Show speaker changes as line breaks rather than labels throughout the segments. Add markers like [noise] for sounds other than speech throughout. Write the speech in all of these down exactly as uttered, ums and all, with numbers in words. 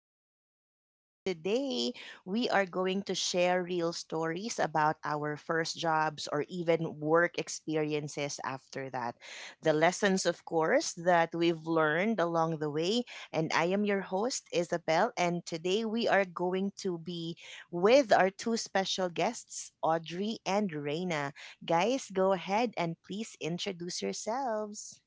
to our podcast today. We are going to share real stories about our first jobs or even work experiences after that. The lessons, of course, that we've learned along the way. And I am your host, Isabel, and today we are going to be with our two special guests, Audrey and Reina. Guys, go ahead and please introduce yourselves.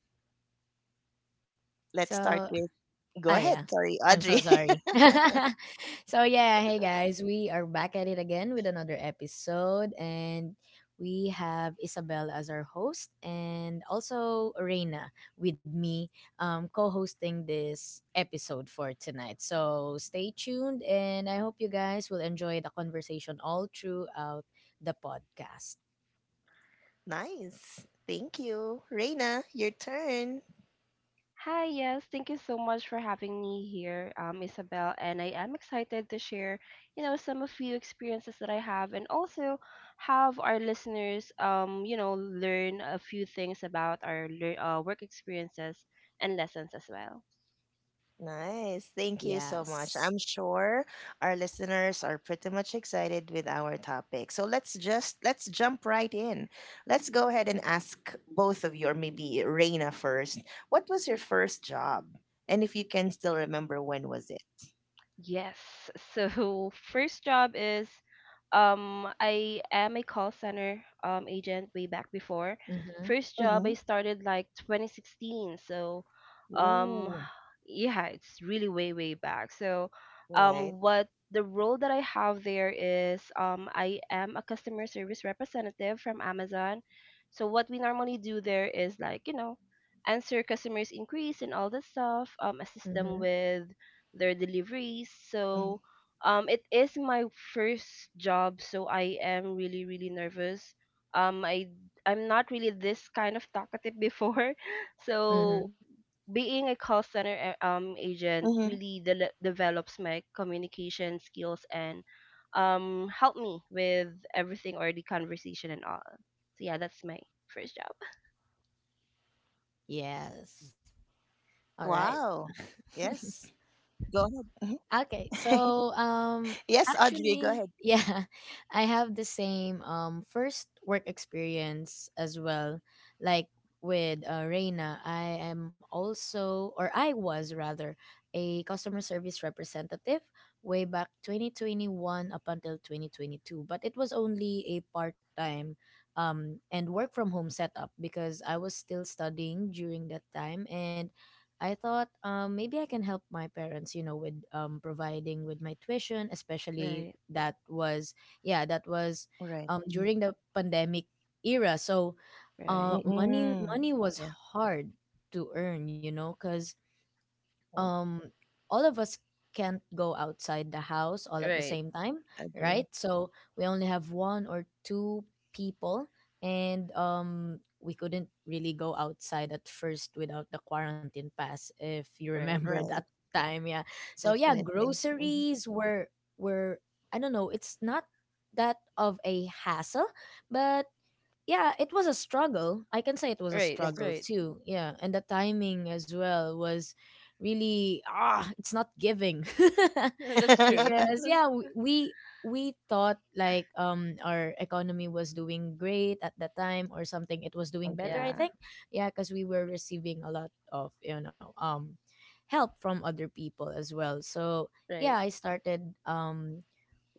Let's
So,
start with,
ah,
go
yeah.
ahead, sorry,
I'm so
Audrey. [laughs]
sorry. [laughs] so, Yeah, hey guys, we are back at it again with another episode, and we have Isabel as our host, and also Reina with me, um, co-hosting this episode for tonight. So, stay tuned, and I hope you guys will enjoy the conversation all throughout the podcast.
Nice. Thank you. Reina, your turn.
Hi, yes, thank you so much for having me here, um, Isabel, and I am excited to share, you know, some of few experiences that I have and also have our listeners, um, you know, learn a few things about our lear- uh, work experiences and lessons as well.
Nice. Thank you so much.
Yes.
I'm sure our listeners are pretty much excited with our topic. So let's just let's jump right in. Let's go ahead and ask both of you or maybe Reina first. What was your first job? And if you can still remember, when was it?
Yes. So [laughs] first job is um I am a call center um agent way back before.
Mm-hmm.
First job I
Mhm.
started like twenty sixteen. So um
Ooh.
[sighs] yeah, it's really way way back. So
Right.
um what the role that I have there is um I am a customer service representative from Amazon. So what we normally do there is like, you know, answer customers' inquiries and all that stuff, um assist them
Mm-hmm.
with their deliveries.
Mhm.
So um, it is my first job, so I am really really nervous. Um, I I'm not really this kind of talkative before, [laughs]
Mm-hmm.
so being a call center
Mhm.
a- um agent really de- develops my communication skills and um help me with everything or the conversation and all. So yeah, that's my first job.
Yes.
Wow.
All right.
Yes. Go ahead. Mhm. [laughs]
[laughs] Okay. So,
yes, Audrey,
um,
go ahead.
actually, yeah, [laughs] I have the same um first work experience as well. Like with uh, Reina, I am also, or I was rather, a customer service representative way back twenty twenty-one up until twenty twenty-two. But it was only a part time um and work from home setup because I was still studying during that time, and I thought um, maybe I can help my parents, you know, with um, providing with my tuition, especially
Right,
that was, yeah, that
Right.
was
Mhm.
um, during the pandemic era. So uh,
right,
Mm-mm.
money
Yeah.
money was hard to earn, you know, because
Right.
um all of us can't go outside the house all at the
right,
same time,
Agree.
right? So we only have one or two people, and um we couldn't really go outside at first without the quarantine pass, if you
right,
remember [laughs]
Right.
that time, yeah. So yeah,
Definitely. Mhm.
groceries were were I don't know, it's not that of a hassle, but yeah, it was a struggle. I can say it was a
right,
Yes.
struggle
right.
too. Yeah, and the timing as well was really ah, it's not giving. [laughs]
[laughs] That's true.
[laughs]
Because yeah, we we we thought like um our economy was doing great at that time or something. It was doing better,
Agree.
I
Yeah,
think. Yeah, because we were receiving a lot of you know um help from other people as well. So
right.
yeah, I started um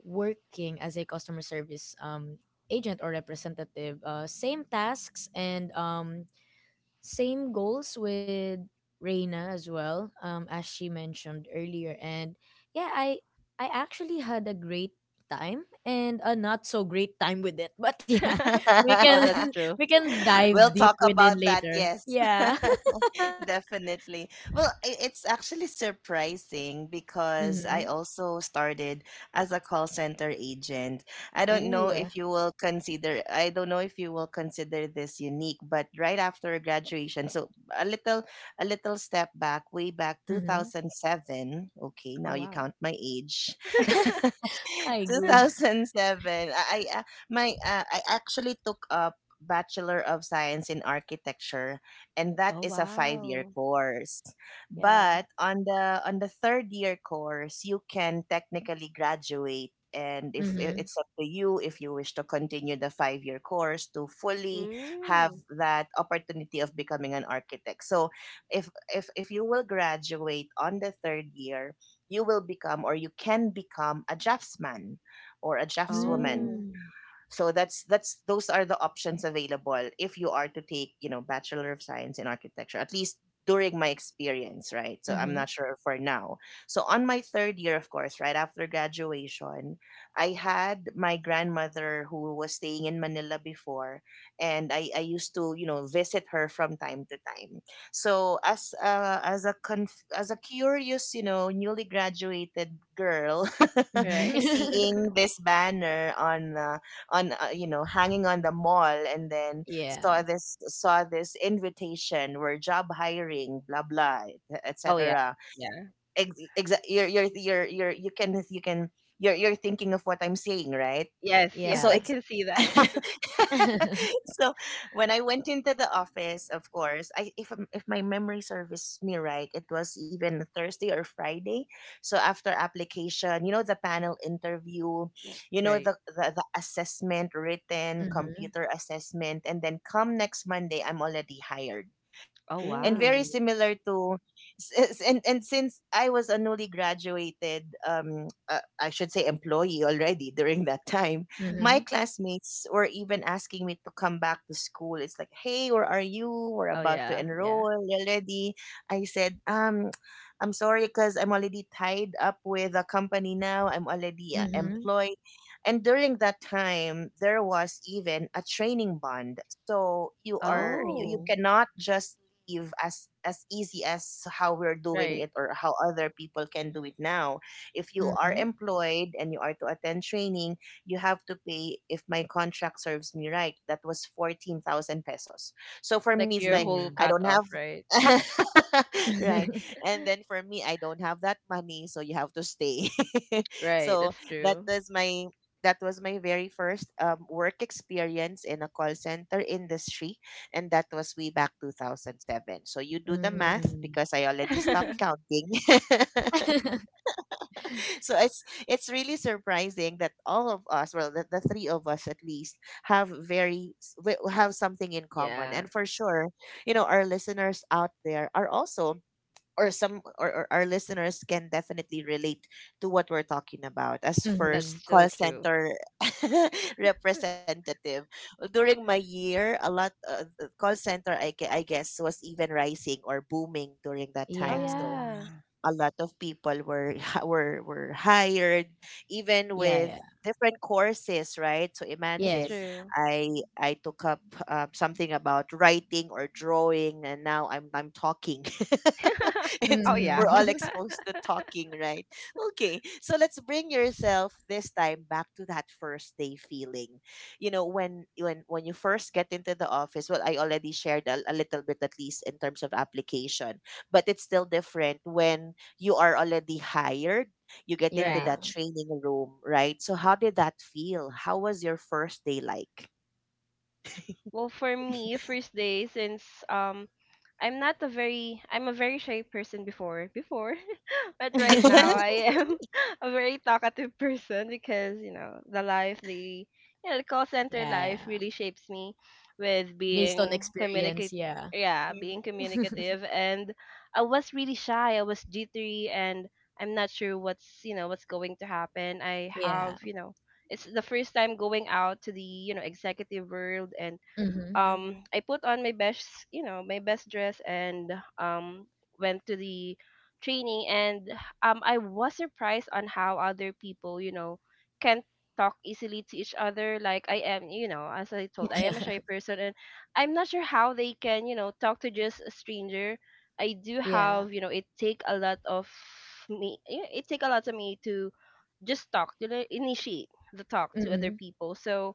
working as a customer service um, agent or representative. Uh, same tasks and um, same goals with Reina as well, um, as she mentioned earlier. And yeah, I I actually had a great time and a not so great time with it. But yeah,
[laughs]
[laughs] we
Oh,
can [laughs]
that's
[laughs]
true.
we can
we'll
dive deep
talk
within
about that.
later.
Yes.
Yeah.
[laughs] Definitely. Well, i- it's actually surprising
[laughs]
because I
Mm-hmm.
also started as a call center agent. I don't
Ooh.
know if you will consider, I don't know if you will consider this unique, but right after graduation, so a little a little step back, way back
Mm-hmm.
two thousand seven. Okay,
Oh,
now you
wow.
count my age.
[laughs]
[laughs]
I go. [laughs]
two thousand seven. I, I uh, my uh, I actually took up Bachelor of Science in Architecture, and that
Oh,
is a 5 year
wow.
course.
Yeah.
But on the on the third year course you can technically graduate, and if I-
Mm-hmm.
it's up to you if you wish to continue the five year course to fully have
Mm.
that opportunity of becoming an architect. So if if if you will graduate on the third year, you will become, or you can become, a draftsman or a draftswoman.
Oh,
Mm-hmm.
So that's that's those are the options available if you are to take, you know, Bachelor of Science in Architecture, at least during my experience, right? So I'm not sure for now. So on my third year, of course, right after graduation, I had my grandmother who was staying in Manila before, and i, I used to, you know, visit her from time to time. So as a, as a conf- as a curious, you know, newly graduated girl, [laughs]
right.
Mm-hmm. [laughs]
seeing
[laughs]
this banner on uh, on uh, you know, hanging on the mall, and then saw
Yeah.
this, saw this invitation where, job hiring, blah blah,
Oh, yeah.
etc.
Yeah.
ex- exa- you're, you're you're you're you can you can you're you're thinking of what I'm saying, right?
Yes, yes,
so
I
Yeah.
it's
can see that. [laughs]
[laughs]
[laughs]
So when I went into the office, of course, I if I'm- if my memory serves me right, it was even Thursday or Friday. So after application, you know, the panel interview, you know,
Right.
the the, the assessment, written
Mhm.
computer assessment, and then come next Monday, I'm already hired,
Oh,
and very
wow.
Ooh.
similar to s- s- and and since I was a newly graduated, um uh, I should say, employee already during that time, my
Mhm.
classmates were even asking me to come back to school. It's like, hey, where are you? We're
Oh,
about to
yeah. Yeah.
enroll already. I said, um I'm sorry, because I'm already tied up with a company now. I'm already uh,
Mhm.
employed. And during that time, there was even a training bond. So you are, you, you
Oh.
Oh,
cannot just achieve as as easy as how we're doing
right.
it, or how other people can do it now. If you are
Mhm.
employed and you are to attend training, you have to pay, if my contract serves me right, that was fourteen thousand pesos. So for me,
Like
it's
your
like,
whole
Ooh.
I
cut
don't have,
off, right?
[laughs] right.
[laughs]
And then, for me, I don't have that money, so you have to stay. [laughs]
Right,
So
that's
that
true.
was my, that was my very first um, work experience in a call center industry, and that was way back two thousand seven. So you do the math,
Mm.
because I already stopped
[laughs]
[laughs]
counting. [laughs] So it's it's really surprising that all of us, well, the, the three of us at least, have very s- we have something in common.
Yeah,
And for sure, you know, our listeners out there are also, or some or, or our listeners can definitely relate to what we're talking about as
that's
first
Mhm.
so
call
true.
center [laughs] representative. During my year, a lot, uh, uh, call center, I, gue- I guess, was even rising or booming during that
Oh,
time,
Yeah.
so
yeah.
a lot of people were [laughs] were were hired, even
Yeah,
with
yeah.
different courses, right? So
That's
imagine,
Yes.
true.
i i took up, um, something about writing or drawing, and now i'm i'm talking. [laughs]
[laughs]
it's
Oh, yeah.
we're all
Mhm. [laughs]
exposed to talking, right? Okay, so let's bring yourself this time back to that first day feeling. You know, when when when you first get into the office, well, I already shared a, a little bit, at least in terms of application, but it's still different when you are already hired, you get
[laughs]
into
Right.
Yeah.
that training room, right? So how did that feel? How was your first day like?
Well, for me, first day since um I'm not a very I'm a very shy person before before, [laughs] but right now
[laughs]
[laughs]
I am [laughs] a very talkative person because you know the life the you know the call center
Yeah,
life
yeah.
really shapes me with
Based on
being communicate
experience, yeah.
yeah
Mhm,
being
[laughs]
communicative and I was really shy, I was jittery, and I'm not sure what's you know what's going to happen. I have,
Yeah.
you know, it's the first time going out to the, you know, executive world and
Mhm.
um
mhm,
I put on my best, you know, my best dress and um went to the training and um I was surprised on how other people, you know, can talk easily to each other. Like I am, you know, as I told, I am a shy
[laughs]
person and I'm not sure how they can, you know, talk to just a stranger. I do
Yeah.
have, you know, it take a lot of me it take a lot of me to just talk to the- initiate the talk to other
Mhm.
people. So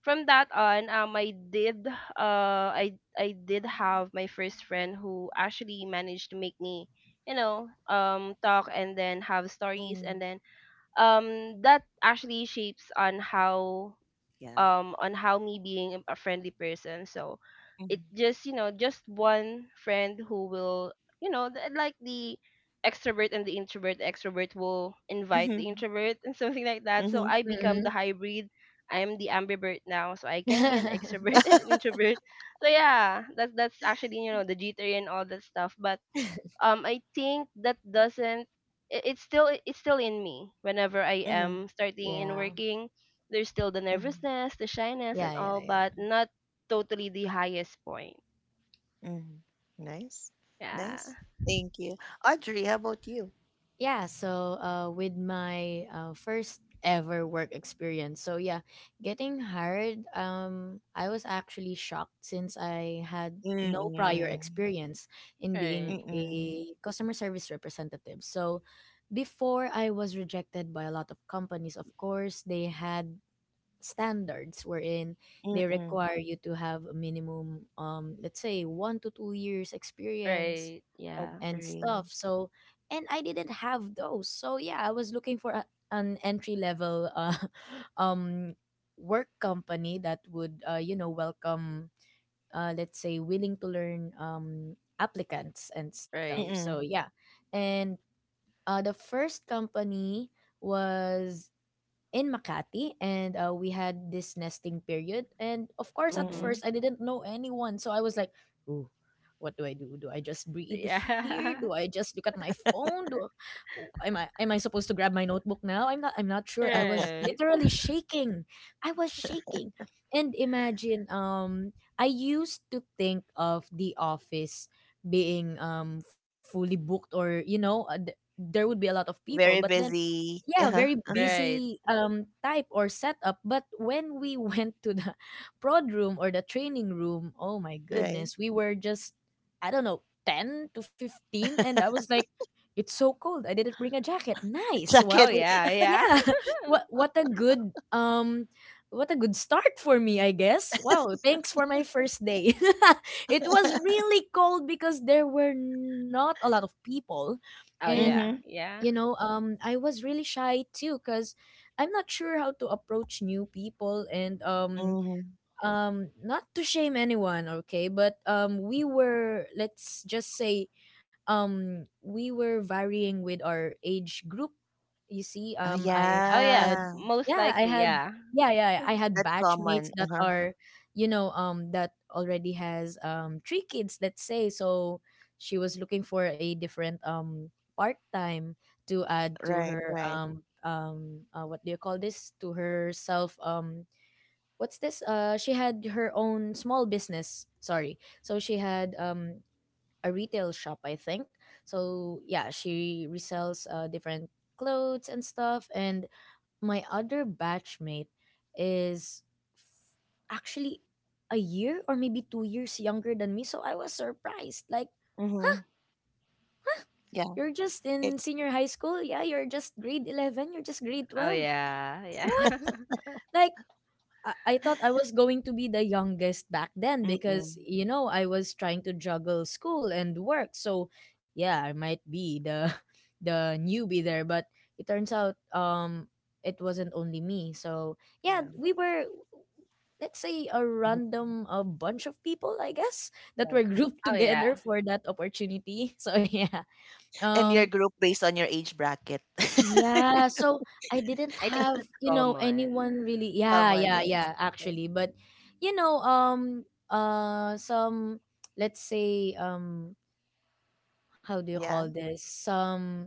from that on, um, I did uh I I did have my first friend who actually managed to make me, you know, um talk and then have stories and
mhm,
then um that actually shapes on how
yeah.
um on how me being a friendly person. So it
Mhm,
just, you know, just one friend who will, you know, th- like the extrovert and the introvert, the extrovert will invite the
mhm,
introvert, and [laughs] something like that. So
mhm,
I become the
Mhm.
hybrid. I am the ambivert now, so I can be an
[laughs]
extrovert [laughs] and an introvert. So yeah, that's that's actually, you know, the jitter and all that stuff. But um I think that doesn't i- it's still it's still in me whenever I
mhm,
am starting in
Yeah.
working. There's still the
mhm,
nervousness, the shyness, and
Yeah, yeah,
all,
yeah.
but not totally the highest point.
mhm. [laughs] Nice.
Yeah.
Nice. Thank you. Audrey, how about you?
Yeah, so uh, with my uh, first ever work experience, so yeah, getting hired, um, I was actually shocked since I had no prior
Mm-mm.
experience in being
Right.
Mm-mm.
a customer service representative. So before I was rejected by a lot of companies. Of course, they had standards wherein they
Mm-mm.
require you to have a minimum um let's say one to two years experience
Right. Yeah.
and stuff,
Agree.
so and I didn't have those. So yeah, I was looking for a, an entry level uh, [laughs] um work company that would uh, you know, welcome uh, let's say willing to learn um applicants and stuff,
Right.
so
Mm-mm.
yeah. And uh, the first company was in Makati, and uh, we had this nesting period. And of course, at
Mhm.
Mm-mm.
first, I didn't know anyone. So I was like, ooh, what do I do? Do I just breathe here? Do
Yeah.
I just look at my phone? Do oh, am I am I supposed to grab my notebook now? I'm not I'm not
[laughs]
sure. I was
Right.
literally shaking. I was shaking. And imagine um I used to think of the office being um fully booked, or you know, uh, th- there would be a lot of people,
Very
but then
busy. [laughs]
yeah,
Uh-huh.
very
Right.
busy um type or setup. But when we [laughs] went to the prod room or the training room, oh my
Right.
goodness, we were just, I don't know, ten to fifteen, and I was like, it's so cold, I didn't bring a jacket. Nice
Check
what
Oh
it.
a-
yeah, yeah.
yeah.
[laughs]
[laughs] what what a good um what a good start for me, I guess. Wow, thanks for my first day. [laughs] It was really cold because there were not a lot of people.
Oh
And
yeah,
Mm-hmm.
yeah.
you know, um, I was really shy too because I'm not sure how to approach new people. And um,
Mm-hmm.
um not to shame anyone, okay, but um we were, let's just say, um we were varying with our age group, you see.
Oh,
um i
Oh
yeah.
yeah,
had
most
yeah, i
likely,
had
yeah.
yeah yeah i had
That's
batchmates
common.
that
Uh-huh.
are, you know, um that already has um three kids, let's say. So she was looking for a different um part time to add to
Right,
her
right.
um um uh, what do you call this, to herself. Um what's this? Uh, she had her own small business. Sorry. So she had um a retail shop, I think. So yeah, she resells uh, different clothes and stuff. And my other batchmate is f- actually a year or maybe two years younger than me. So I was surprised. Like, huh?
Mm-hmm.
Huh?
Yeah.
You're just in
It
senior high school? Yeah, you're just grade eleven, you're just grade
Oh
twelve.
yeah, yeah.
What?
[laughs]
Like, I I thought I was going to be the youngest back then
Mm-mm.
because you know, I was trying to juggle school and work. So yeah, I might be the [laughs] the newbie there, but it turns out um it wasn't only me. So yeah,
Yeah.
we were, let's say, a
mhm,
random a bunch of people, I guess, that
right.
were grouped [laughs]
Oh yeah.
together for that opportunity. [laughs] So yeah.
And your
Um
group based on your age bracket.
yeah,
[laughs]
so I didn't
I think
have,
that's
you know,
common.
anyone really. Yeah,
Common,
yeah,
yes.
yeah,
Right.
actually, but you know, um uh some, let's say, um how do you
Yeah.
call this, some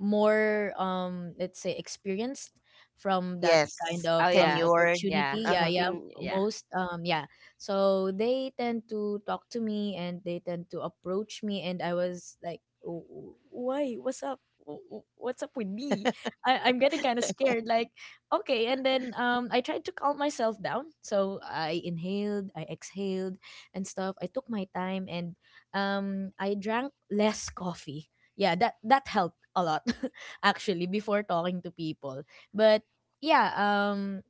more um let's say experienced from that kind
Yes.
Oh
of um
yeah.
Tenured.
Yeah.
opportunity. Yeah,
The
Uh-huh.
yeah,
thing, yeah.
most um yeah, so they tend to talk to me and they tend to approach me, and I was like, "W- w- Why, what's up? W- w- what's up with me? I, I'm getting kind of scared." Like, okay, and then um I tried to calm myself down, so I inhaled, I exhaled and stuff. I took my time and um I drank less coffee. Yeah, that that helped a lot [laughs] actually before talking to people. But yeah, um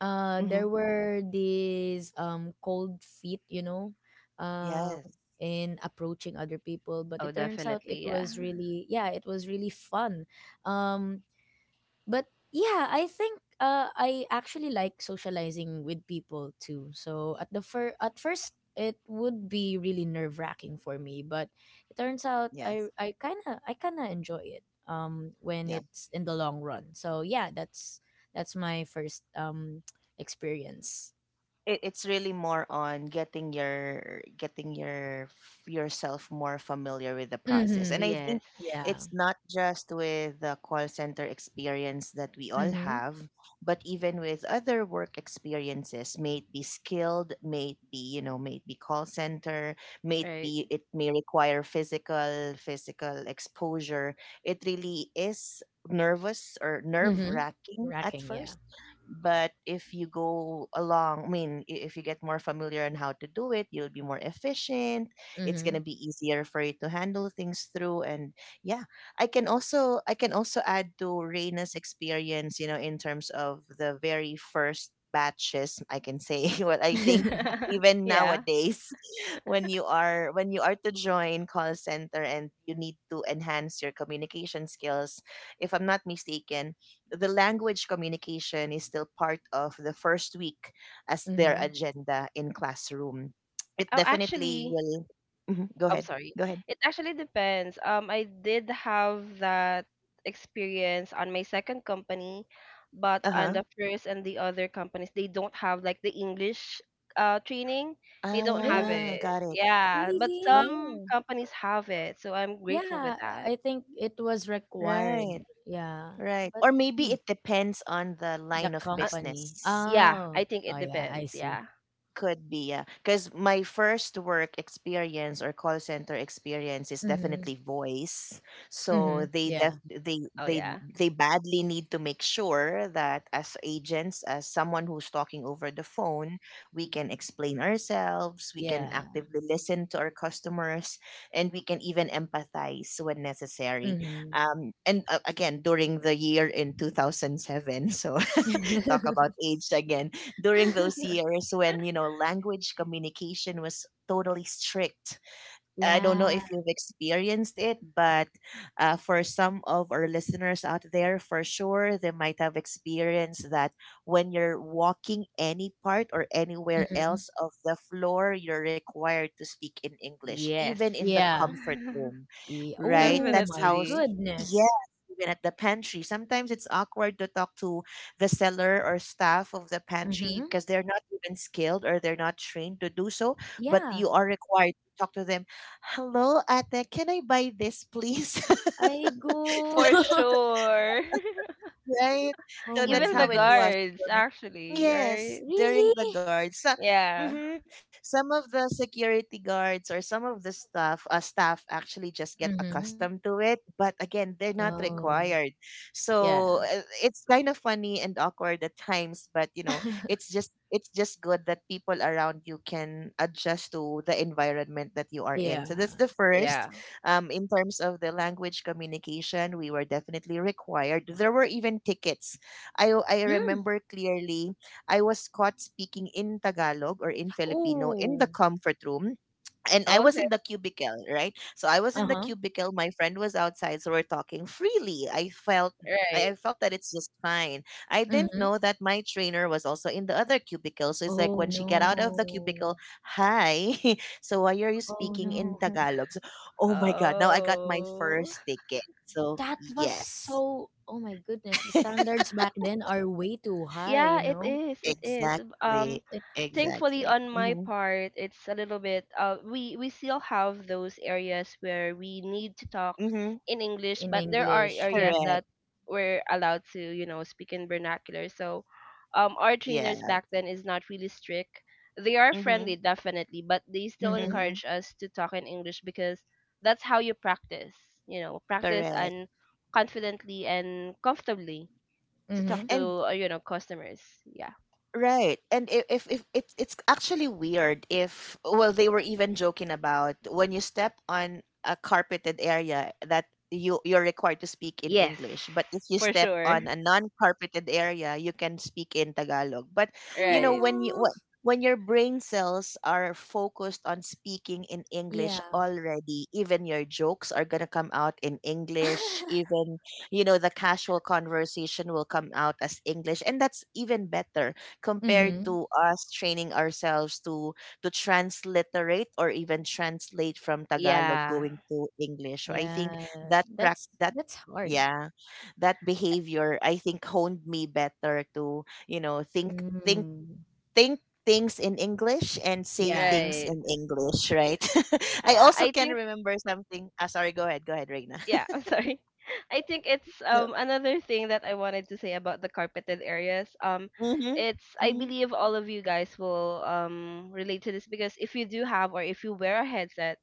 uh there
Mm-hmm.
were these um cold feet, you know, um
Yes.
in approaching other people. But
Oh
it turns out it
definitely, yeah.
was really, yeah, it was really fun. um but yeah, I think uh, I actually like socializing with people too. So at the fir- at first it would be really nerve wracking for me, but it turns out I I kind of I kind of enjoy it um when
Yes.
it's in the long run. So yeah, that's that's my first um [tsk] experience.
it, it's really more on getting your, getting your f- yourself more familiar with the process, and I
Mhm.
think
Yes.
Yeah.
it's not just with the call center experience that we all
Mhm.
have, but even with other work experiences, may it be skilled, may it be, you know, may it be call center, may it
Right.
be it may require physical, physical exposure. It really is nervous or nerve
Mhm.
wracking at
Racking, yeah.
first, but if you go along, I mean, i- if you get more familiar on how to do it, you'll be more efficient. It's gonna
Mhm.
be easier for you to handle things through. And yeah, I can also, I can also add to Reina's experience, you know, in terms of the very first batches. I can say [laughs] what I think,
[laughs]
[laughs]
even
Yeah.
nowadays, [laughs] when you are, when you are to join call center, and you need to enhance your communication skills, if I'm not mistaken, the language communication is still part of the first week as their
Mhm.
agenda in classroom. It
Oh,
definitely
actually,
will. Mhm. Go
I'm
ahead.
sorry.
Go ahead.
It actually depends. Um I did have that experience on my second company, but
Uh
on
huh.
the first and the other companies they don't have like the English uh training. They don't have
Ah,
Eh,
it.
got it.
Yeah. But
really?
some
Oh,
companies have it. So I'm grateful
Yeah,
with that.
I think it was required.
right,
Yeah.
right.
But
Or maybe
mm,
it depends on the
the
line of
Uh,
company.
business.
yeah, I
Oh.
think
Oh
it
yeah, I
depends.
see.
Yeah.
Could be, yeah. Because my first work experience, or call center experience, is
Mhm.
definitely voice.
Mhm.
So they
Yeah.
def- they
Oh
they
yeah.
they badly need to make sure that as agents, as someone who's talking over the phone, we can explain ourselves, we can
Yeah.
actively listen to our customers, and we can even empathize when necessary.
Mhm.
Um, and uh, again, during the year in two thousand seven, so [laughs] talk about
[laughs]
age again. During those years, when, you know language communication was totally strict, I don't know
Yeah.
if you've experienced it, but uh, for some of our listeners out there, for sure, they might have experienced that when you're walking any part or anywhere
Mhm.
else of the floor, you're required to speak in English,
Yes.
even in the
Yeah.
comfort
[laughs]
room,
yeah.
right?
Oh
That's
my
how, s-
Definitely.
yes,
goodness.
even at the pantry. Sometimes it's awkward to talk to the seller or staff of the pantry
Mhm.
because they're not even skilled, or they're not trained to do so, but
Yeah.
you are required to talk to them. Hello, ate, can I buy this, please? [laughs]
I go.
For
[laughs]
sure. [laughs]
Right,
Oh
so
my
that's
Even the
how it
goodness.
was
guards,
during-
actually,
yes,
right?
during the
Really?
guards. So,
Yeah.
hmm some of the security guards or some of the staff, uh, staff actually just get
Mhm.
accustomed to it, but again, they're not
Oh.
required.
Yeah.
So uh, it's kind of funny and awkward at times, but, you know it's
[laughs]
just it's just good that people around you can adjust to the environment that you are in.
Yeah.
So that's the first.
Yeah.
Um, in terms of the language communication, we were definitely required. There were even tickets. I, I
Hmm?
remember clearly, I was caught speaking in Tagalog, or in Filipino, in the
Oh.
comfort room, and
Oh,
I was
okay.
in the cubicle, right? So I was in the
Uh-huh.
cubicle. My friend was outside, so we're talking freely. I felt, I I
Right.
felt that it's just fine. I didn't
Mhm.
know that my trainer was also in the other cubicle. So it's like,
Oh,
when she get out of the
no.
cubicle, hi. [laughs] So, why are you
Oh,
speaking in
no. [laughs]
Tagalog? So, oh my god! Now I got my
Oh.
first ticket. So
That was
yes,
so, oh my goodness, the standards back then are way too high,
Yeah,
you
it
know?
is. It is. Um,
exactly,
um,
It
thankfully
exactly.
on my
Mm-hmm.
part, it's a little bit. Uh, we we still have those areas where we need to talk
Mm-hmm.
in
in
English, but there are
English. Mhm.
areas
Correct.
that we're allowed to, you know, speak in vernacular. So, um, our
Yeah.
trainers back then is not really strict. They are friendly,
Mm-hmm.
definitely, but they still
Mhm.
Mm-hmm.
encourage us to talk in English because that's how you practice. You know, practice
Correct.
and confidently and comfortably to talk
Mhm.
And
to uh, you know, customers. Yeah.
Right. And if, if, if it's it's actually weird. If well they were even joking about when you step on a carpeted area that you you're required to speak in
Yes,
English, but if you
for
step
sure.
on a non-carpeted area, you can speak in Tagalog. But you know
Right.
when you wh-
[sighs]
when your brain cells are focused on speaking in English
Yeah.
already, even your jokes are gonna come out in English,
[laughs]
even you know the casual conversation will come out as English, and that's even better compared
Mhm.
to us training ourselves to to transliterate or even translate from Tagalog
Yeah.
going to English. So I
Yeah.
think that prac
That's
that
that's hard.
yeah, that behavior I think honed me better to, you know, think think
Mm.
think things in English and say
Yeah.
things
Right.
in English, right? [laughs] I
Yeah.
also
I
can
think,
remember something. Ah, sorry, go ahead, go ahead, Reina.
yeah,
[laughs]
I'm sorry. [laughs] I think it's,
No.
um another thing that I wanted to say about the carpeted areas. Um
Mm-hmm.
it's, I
hmm
believe all of you guys will um relate to this, because if you do have or if you wear a headset,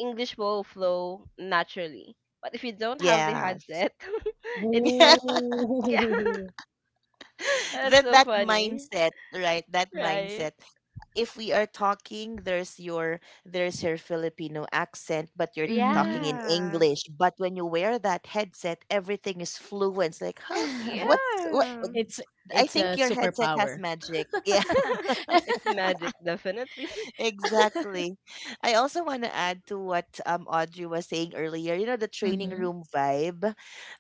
English will flow naturally. But if you don't have the
Yes.
headset, [laughs] it's like
[laughs]
[laughs] yeah,
Ooh. [laughs]
that's
that
so
that
funny.
mindset, right? That
Right.
mindset. If we are talking, there's your there's your Filipino accent, but you're talking
Mhm.
in
Yeah.
English. But when you wear that headset, everything is fluent. It's like, huh? What's what?
Yeah.
[laughs] It's
I
it's a
think your headset has
superpower.
magic. [laughs] Yeah.
[laughs]
[laughs] It's magic, definitely. [laughs]
Exactly. I also want to add to what um Audrey was saying earlier. You know the training
Hmm.
room vibe.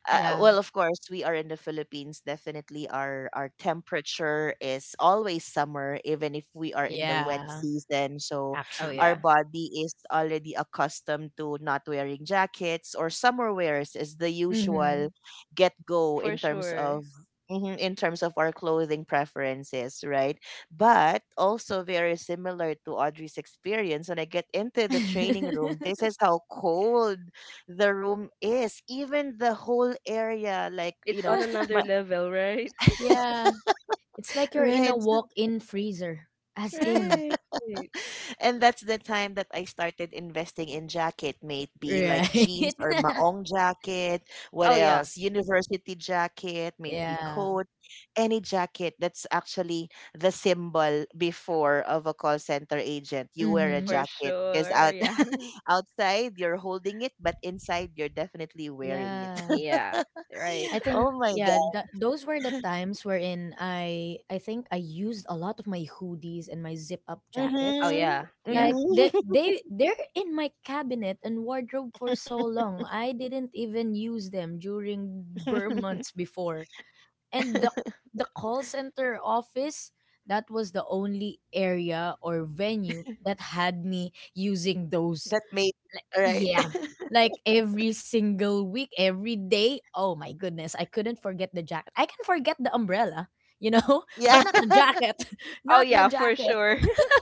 Uh,
Yeah,
well, of course, we are in the Philippines. Definitely, our our temperature is always summer, even if we are in the wet
yeah,
season. So
Oh
actually.
our
yeah,
body is already accustomed to not wearing jackets, or summer wears is the
Hmm.
usual get go
for
in terms
sure.
of Mhm, in terms of our clothing preferences, right? But also very similar to Audrey's experience. When I get into the training room, this
[laughs]
is how cold the room is. Even the whole area, like, you
It's
know,
on another
my
level, right? [laughs]
Yeah, it's
[laughs]
like you're in a
right.
walk-in freezer, as in,
Right.
And that's the time that I started investing in jacket, maybe like
right?
jeans or
[laughs]
maong jacket. What
Oh yeah,
else? University jacket, maybe
Yeah.
coat, any jacket that's actually the symbol before of a call center agent. You wear a
Hmm.
for
jacket because
sure.
out
Yeah. [laughs]
outside, you're holding it, but inside, you're definitely wearing it.
Yeah.
Yeah, right.
I
[laughs] Oh
think
[laughs]
my
yeah,
God.
th- those were the times wherein I I think I used a lot of my hoodies and my zip up
Oh
jackets.
Mm-hmm.
yeah, yeah.
Like they
Mm-hmm.
they they're in my cabinet and wardrobe for so long. I didn't even use them during burn months before. And the
[laughs]
the call center office, that was the only area or venue that had me using those,
that made all right.
yeah.
[laughs]
Like every single week, every day. Oh my goodness. I couldn't forget the jacket. I can forget the umbrella, you know, [laughs]
Yeah,
but not the jacket. [laughs]
Oh
Not the
yeah, for
jacket.
sure. [laughs]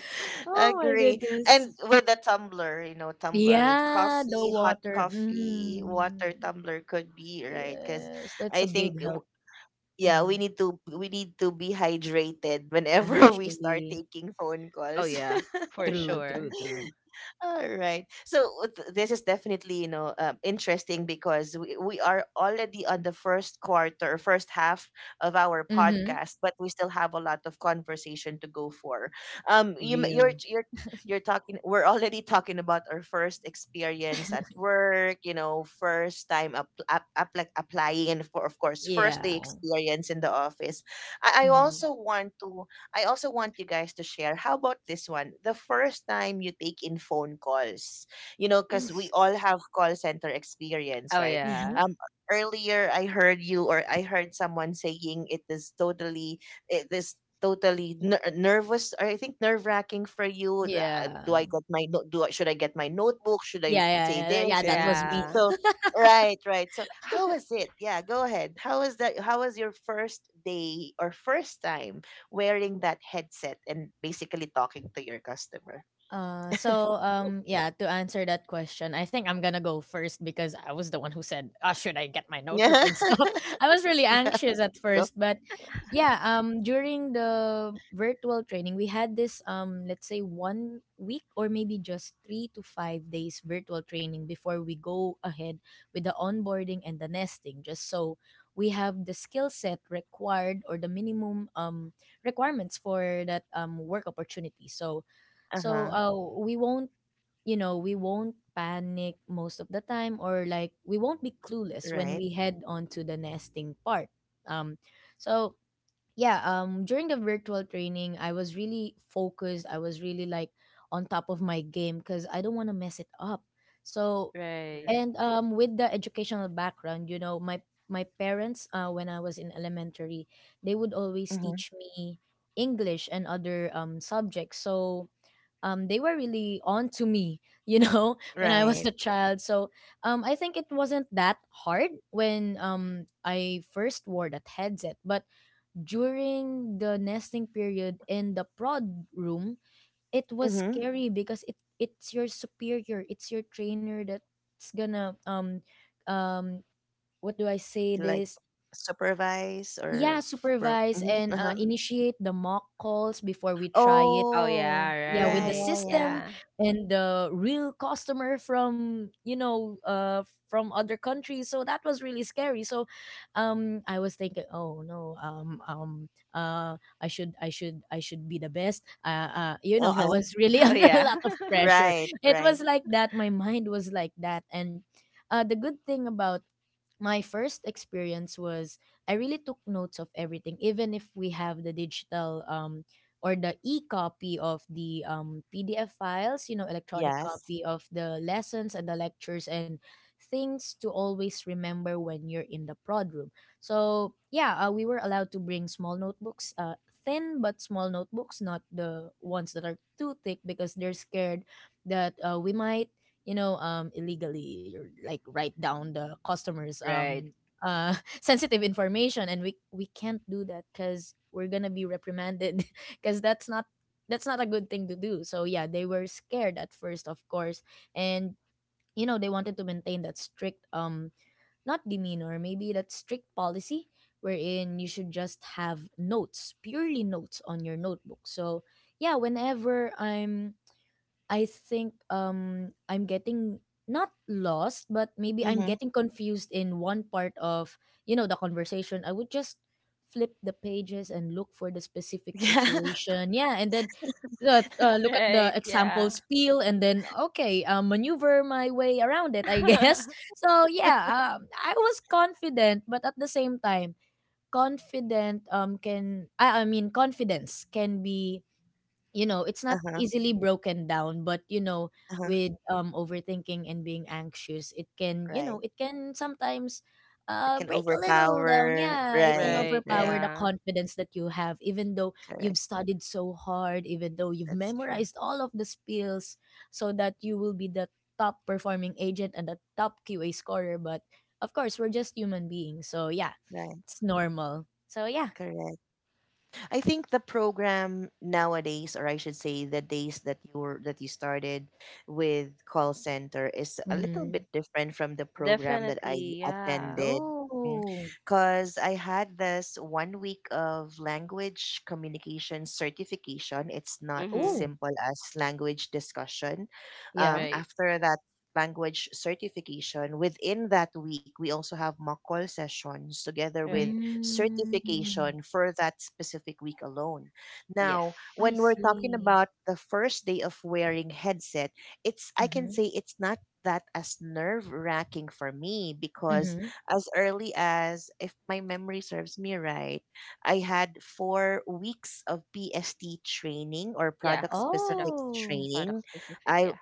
[laughs]
Oh my
agree. And
goodness.
with the tumbler, you know, tumbler with
Yeah, the
coffee, hot
water.
coffee,
Mm.
water tumbler could be right because
Yes, that's
I
a
think
big
w-
help.
yeah,
Hmm.
we need to we need to be hydrated whenever [laughs] we start
Actually,
taking phone
Oh
calls.
yeah, for
true, true,
sure.
true.
[laughs] All right. So th- this is definitely, you know, um, interesting because we, we are already on the first quarter, first half of our
Mm-hmm.
podcast, but we still have a lot of conversation to go for. Um, you m- you're
Real.
you're you're talking. We're already talking about our first experience at work. You know, first time up, up, apply applying, and for, of course, first
Yeah.
day experience in the office. I, I
Mm-hmm.
also want to I also want you guys to share. How about this one? The first time you take in phone calls, you know, because we all have call center experience,
Oh
right?
Mm-hmm.
yeah.
Um, earlier I heard you, or I heard someone saying it is totally, it is totally ner- nervous, or I think nerve wracking for you. Uh, do
Yeah.
I get my no- do I, should I get my notebook? Should I
Yeah,
say
yeah, yeah,
this?
yeah.
Should
That
I-
was me.
Yeah.
So right, right. So how was it? Yeah, go ahead. How was that? How was your first day or first time wearing that headset and basically talking to your customer.
Uh,
[laughs]
so um, yeah, to answer that question, I think I'm gonna go first because I was the one who said, "Ah, should I get my
Yeah.
notebook and
[laughs]
stuff?" [laughs] I was really
Yeah.
anxious at
Go.
first, but yeah, um, during the virtual training, we had this um, let's say one week or maybe just three to five days virtual training before we go ahead with the onboarding and the nesting, just so we have the skill set required or the minimum um requirements for that um work opportunity. So so
Uh-huh.
uh, we won't, you know, we won't panic most of the time, or like we won't be clueless when
Right.
we head on to the nesting part. Um, so yeah, um, during the virtual training, I was really focused. I was really like on top of my game because I don't want to mess it up. So
Right.
Correct.
and um, With the educational background, you know, my my parents uh, when I was in elementary, they would always
Mm-hmm.
teach me English and other um, subjects. So um, they were really on to me, you know, [laughs] when I was
Right.
a child. So um, I think it wasn't that hard when um, I first wore that headset. But during the nesting period in the prod room, it was
Mm-hmm.
scary because it it's your superior, it's your trainer that's gonna um um what do I say
Like
this?
supervise or
Yeah,
f- pro.
supervise
Mm-hmm.
and uh,
Uh-huh.
initiate the mock calls before we try it
Oh yeah,
Oh,
yeah
yeah,
with the
right.
yeah,
system
yeah.
Yeah.
and the real customer from you know uh from other countries. So that was really scary. So um I was thinking, oh no, um um uh I should i should i should be the best uh, uh you know, I
Uh-huh.
was really [laughs]
[laughs] Oh
under a
yeah.
lot
[laughs]
of pressure.
Right,
It
right.
was like that, my mind was like that. And uh, the good thing about my first experience was I really took notes of everything, even if we have the digital um, or the e copy of the um, P D F files, you know, electronic
Yes.
copy of the lessons and the lectures and things to always remember when you're in the prod room. So, yeah, uh, we were allowed to bring small notebooks, uh, thin but small notebooks, not the ones that are too thick because they're scared that uh, we might, you know, um illegally or like write down the customers
Right.
um uh [laughs] sensitive information. And we we can't do that, cuz we're going to be reprimanded. [laughs] Cuz that's not, that's not a good thing to do. So yeah, they were scared at first, of course. And you know, they wanted to maintain that strict um not demeanor, maybe that strict policy wherein you should just have notes, purely notes on your notebook. So yeah, whenever I'm I think um I'm getting not lost, but maybe I'm
Mm-hmm.
getting confused in one part of, you know, the conversation. I would just flip the pages and look for the specific
[laughs] Yeah.
situation. Yeah, and then uh, uh, look at the
Right,
example
yeah.
spiel and then okay, uh, maneuver my way around it, I guess.
[laughs]
[laughs] So yeah, um, I was confident, but at the same time, confident um can I, I mean, confidence can be, you know, it's not
Uh-huh.
easily broken down. But you know,
Uh-huh.
with um overthinking and being anxious, it can, you know,
Right.
it can sometimes
It
uh
can
break a little down.
overpower.
Yeah, it can
Right,
Right,
overpower
right.
the
yeah.
confidence that you have, even though
Correct.
you've studied so hard, even though you've
That's true.
memorized all of the spills so that you will be the top performing agent and the top Q A scorer. But of course, we're just human beings, so yeah,
Right.
it's normal. So yeah.
Correct. I think the program nowadays, or I should say the days that you were that you started with call center, is a little
Hmm.
bit different from the program that I
Definitely, yeah.
attended.
Oh.
Because I had this one week of language communication certification. It's not as
Mm-hmm.
Oh
simple as language discussion.
yeah.
Um,
Right,
after that language certification, within that week, we also have mock call sessions together with
right.
Mm,
certification for that specific week alone.
Yes.
Now,
I
when we're talking
see.
about the first day of wearing headset, it's I can
Mhm,
say it's not that as nerve wracking for me because
mhm.
as early as, if my memory serves me right, I had four weeks of P S T training, or
Yeah.
product
Product
specific
Oh.
product
training.
specific,
I
yeah.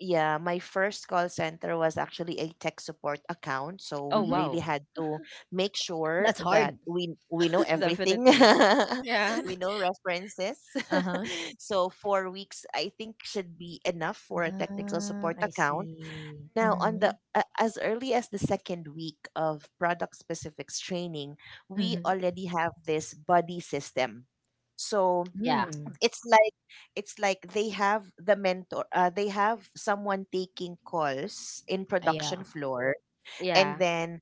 yeah, my first call center was actually a tech support account, so
Oh
we
Mhm.
really
wow.
had to make sure
That's
that
hard.
we we know everything.
Definitely.
[laughs]
Yeah.
We know references.
Uh-huh.
[laughs] So four weeks I think should be enough for a technical
Ah,
support
I
account.
see.
Now, on
Mhm,
the a- as early as the second week of product specifics training, we
mhm.
already have this buddy system. So
Yeah.
Hmm.
it's like it's like they have the mentor, uh, they have someone taking calls in
Uh, yeah.
production floor, and
Yeah.
then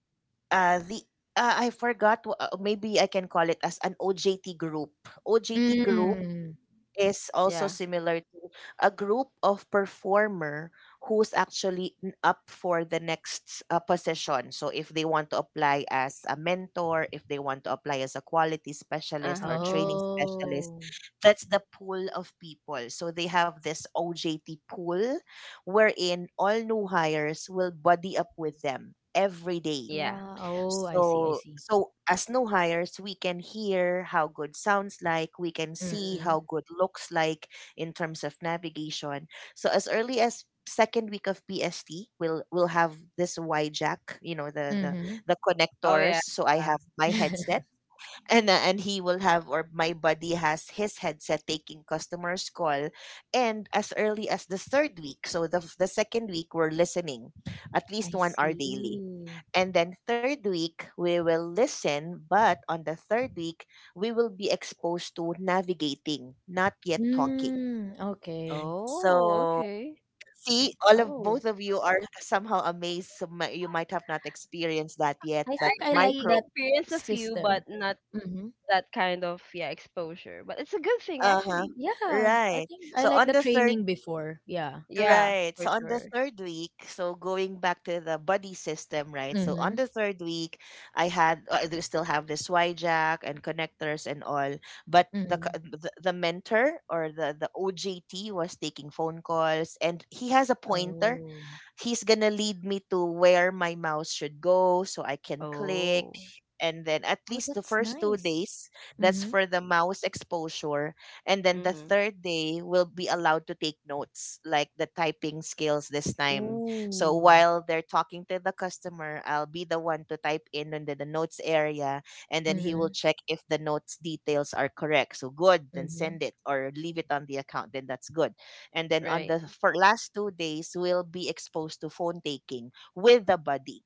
uh the uh, I forgot wh- uh, maybe I can call it as an O J T group O J T group
Mm.
is also
Yeah.
similar to a group of performer who's actually n- up for the next, uh, position. So if they want to apply as a mentor, if they want to apply as a quality specialist or
Uh-huh.
training specialist,
Oh.
that's the pool of people. So they have this O J T pool wherein all new hires will buddy up with them every day,
Yeah.
Wow. Oh, I see, I
so
see.
so as new hires, we can hear how good sounds like, we can see
Mhm,
how good looks like in terms of navigation. So as early as second week of P S T, we'll we'll have this Y jack, you know, the the
mhm.
the
Oh
connectors.
yeah.
So I
Yeah.
have my headset
[laughs]
[laughs] and uh, and he will have, or my buddy has his headset taking customers call, and as early as the third week, so the, the second week we're listening at least
I
one hour daily,
see.
and then third week, we will listen, but on the third week, we will be exposed to navigating, not yet talking.
Mm, okay.
Oh,
So,
okay.
see, all of both
Oh,
of you are [laughs] somehow amazed. So mi- you might have not experienced that yet,
I
but
think I
my
like
I
pro.
that
experience a few
system.
but not
Mhm.
that kind of, yeah, exposure. But it's a good thing
Uh huh.
actually.
Yeah, I
Right.
think I
So
like
on
the
the third
training before. Yeah.
Yeah,
Right.
for
So on the
sure.
third week, so going back to the buddy system, right? So
Mm-hmm.
on the third week, I had uh, I do still have this Y jack and connectors and all, but the c-
Mm-hmm.
the, the mentor or the the O J T was taking phone calls, and he has a pointer,
Oh.
he's gonna lead me to where my mouse should go so I can click.
Oh.
And then at
Oh,
least the
that's
first two
nice.
days, that's
Mm-hmm.
for the mouse exposure. And then the
Mm-hmm.
third day will be allowed to take notes, like the typing skills this time. So
Ooh.
while they're talking to the customer, I'll be the one to type in under the notes area, and then he
Mm-hmm.
will check if the notes details are correct. So good, then
Mm-hmm.
send it or leave it on the account, then that's good, and then on
Right.
the for last two days we'll be exposed to phone taking with the buddy.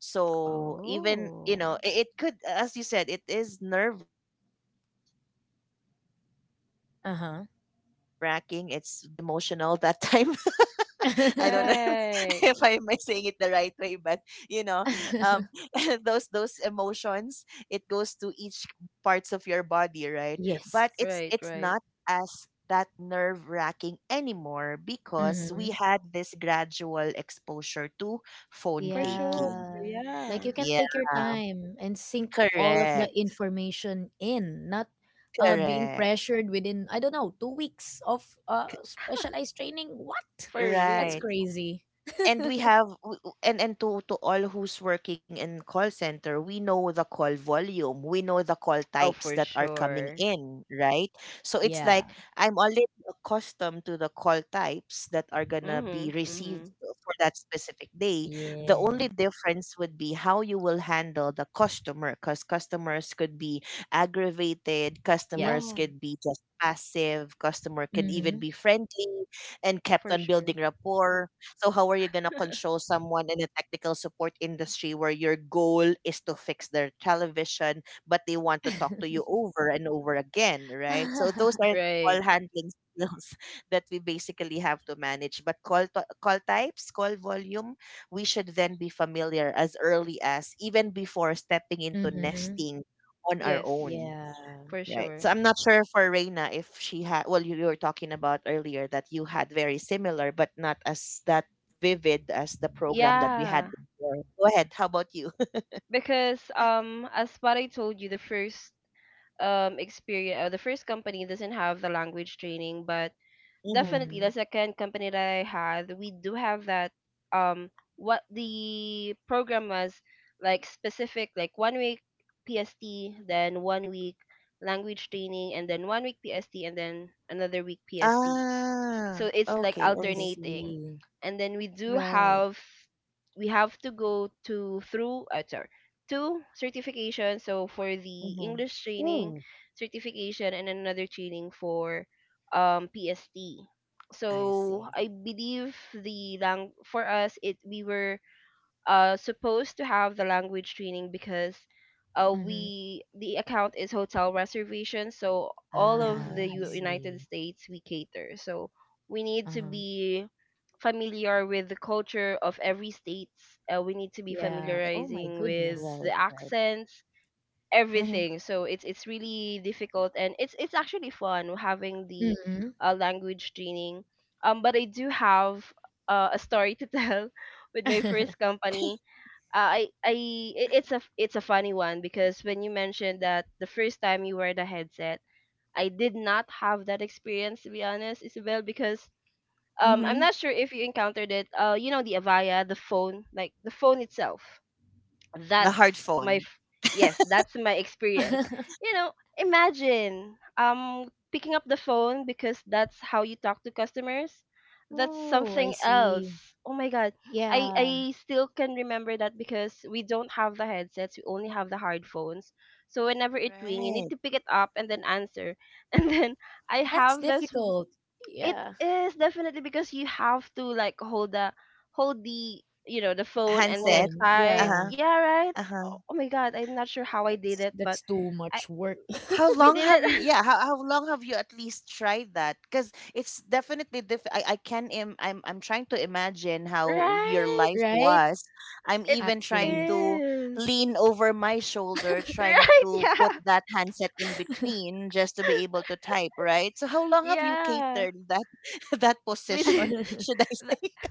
So even you know
Oh.
it, it could, as you said, it is nerve my my my
Uh-huh.
underarm, I should say, was very emotional [laughs] that time. [laughs] I don't know
[laughs]
[laughs] if,
Right.
I am saying it the right way, but you know, um, [laughs] those those emotions it goes to each parts of your body, right? But
Yes.
it's
Right,
it's
right.
not as that nerve wracking anymore because we
Mm-hmm.
had this gradual exposure to phone
For sure.
taking.
Yeah. Like
Yeah.
you can
Yeah,
take your time and sink all of the
correct,
information in, not uh being
correct,
pressured within, I don't know, two weeks of uh specialized training. What?
For
[laughs] That's
right.
real.
crazy.
And we have w- w- and and to to all who's working in call center, we know the call volume, we know the call
Oh,
types
for
that are coming
sure.
in, right? So it's
Yeah.
like I'm already accustomed to the call types that are gonna be
Mhm.
received
Mhm.
for that specific day. The
Yeah.
only difference would be how you will handle the customer because customers could be aggravated,
Yeah,
customers
Yeah.
could be just passive, customer can even
Mhm.
be friendly and kept
for
on
sure.
building rapport. So how are you gonna control someone in the technical support industry where your goal is to fix their television, but they want to talk to you over and over again, right? So those are the
Right.
call handling skills [laughs] that we basically have to manage. But call to- call types, call volume, we should then be familiar as early as even before stepping into
Mhm. [laughs]
nesting on our
Yes,
own.
Yeah.
for
Right. So
sure.
I'm not sure for Reina if she had, well, you, you were talking about earlier that you had very similar, but not as that vivid as the program that we had
Yeah,
before. Go ahead. How about you?
because um as what I told you, the first um experience, uh, the first company doesn't have the language training, but
[laughs] hmm
definitely
Mhm.
the second company that I had, we do have that um what the program was like specific, like one week P S T, then one week language training, and then one week P S T, and then another week P S T. So
Ah,
it's like
okay,
I
okay.
alternating,
see.
and then we do
Right.
have, we have to go to through, uh, sorry, two certifications, so for the
Mm-hmm.
English training
Ooh.
certification and another training for um PST.
I
So
see.
I believe the lang for us, it, we were uh supposed to have the language training because uh
Mhm.
we, the account is hotel reservation, so all of
Ah,
the
Yeah.
I
U- united
see.
States we cater, so we need to
Uh-huh.
be familiar with the culture of every state. uh, we need to be
Yeah. Oh my
familiarizing with
goodness.
Right,
the
right.
accents,
Mm-hmm.
everything. So it's it's really difficult, and it's it's actually fun having the
Mhm.
uh, language training. um but I do have uh, a story to [laughs] tell with my first company. uh, I I i- it's a it's a funny one because when you mentioned that the first time you wear the headset, I did not have that experience, to be honest, Isabel, because um I'm
Mm-hmm.
not sure if you encountered it. Uh, you know the Avaya, the phone, like the phone itself,
The hard
that's my
phone.
f- yes, that's my experience.
[laughs]
You know, imagine um picking up the phone because that's how you talk to customers. That's
Oh, I
something
see.
else. Oh my god, i
Yeah.
i still can remember that because we don't have the headsets, we only have the hard phones. So whenever it ring, you need
Right.
to pick it up and then answer [laughs] and then I
That's
have this.
difficult.
It
Yeah.
is definitely because you have to like hold the hold the, you know, the phone and then
Handset.
Phone.
type.
Yeah.
Uh-huh.
Yeah, right. Oh,
Uh-huh.
oh my god, I'm not sure how I did
That's
it, but
that's too
I.
much work.
How
We
long
[laughs]
did it.
have you? Yeah, how, how long have you at least tried that? Because it's definitely diff. I, I can. Im- I'm I'm trying to imagine
[laughs]
how your
Right.
life
Right?
was. I'm
It
even trying
Actually.
to
is.
lean over my shoulder,
[laughs]
trying
Right.
to put
Yeah,
that handset in between just to be able to type. Right. So how long have you
yeah.
catered that [laughs] that
We
position?
did.
[laughs]
Should I
[laughs] th-
say?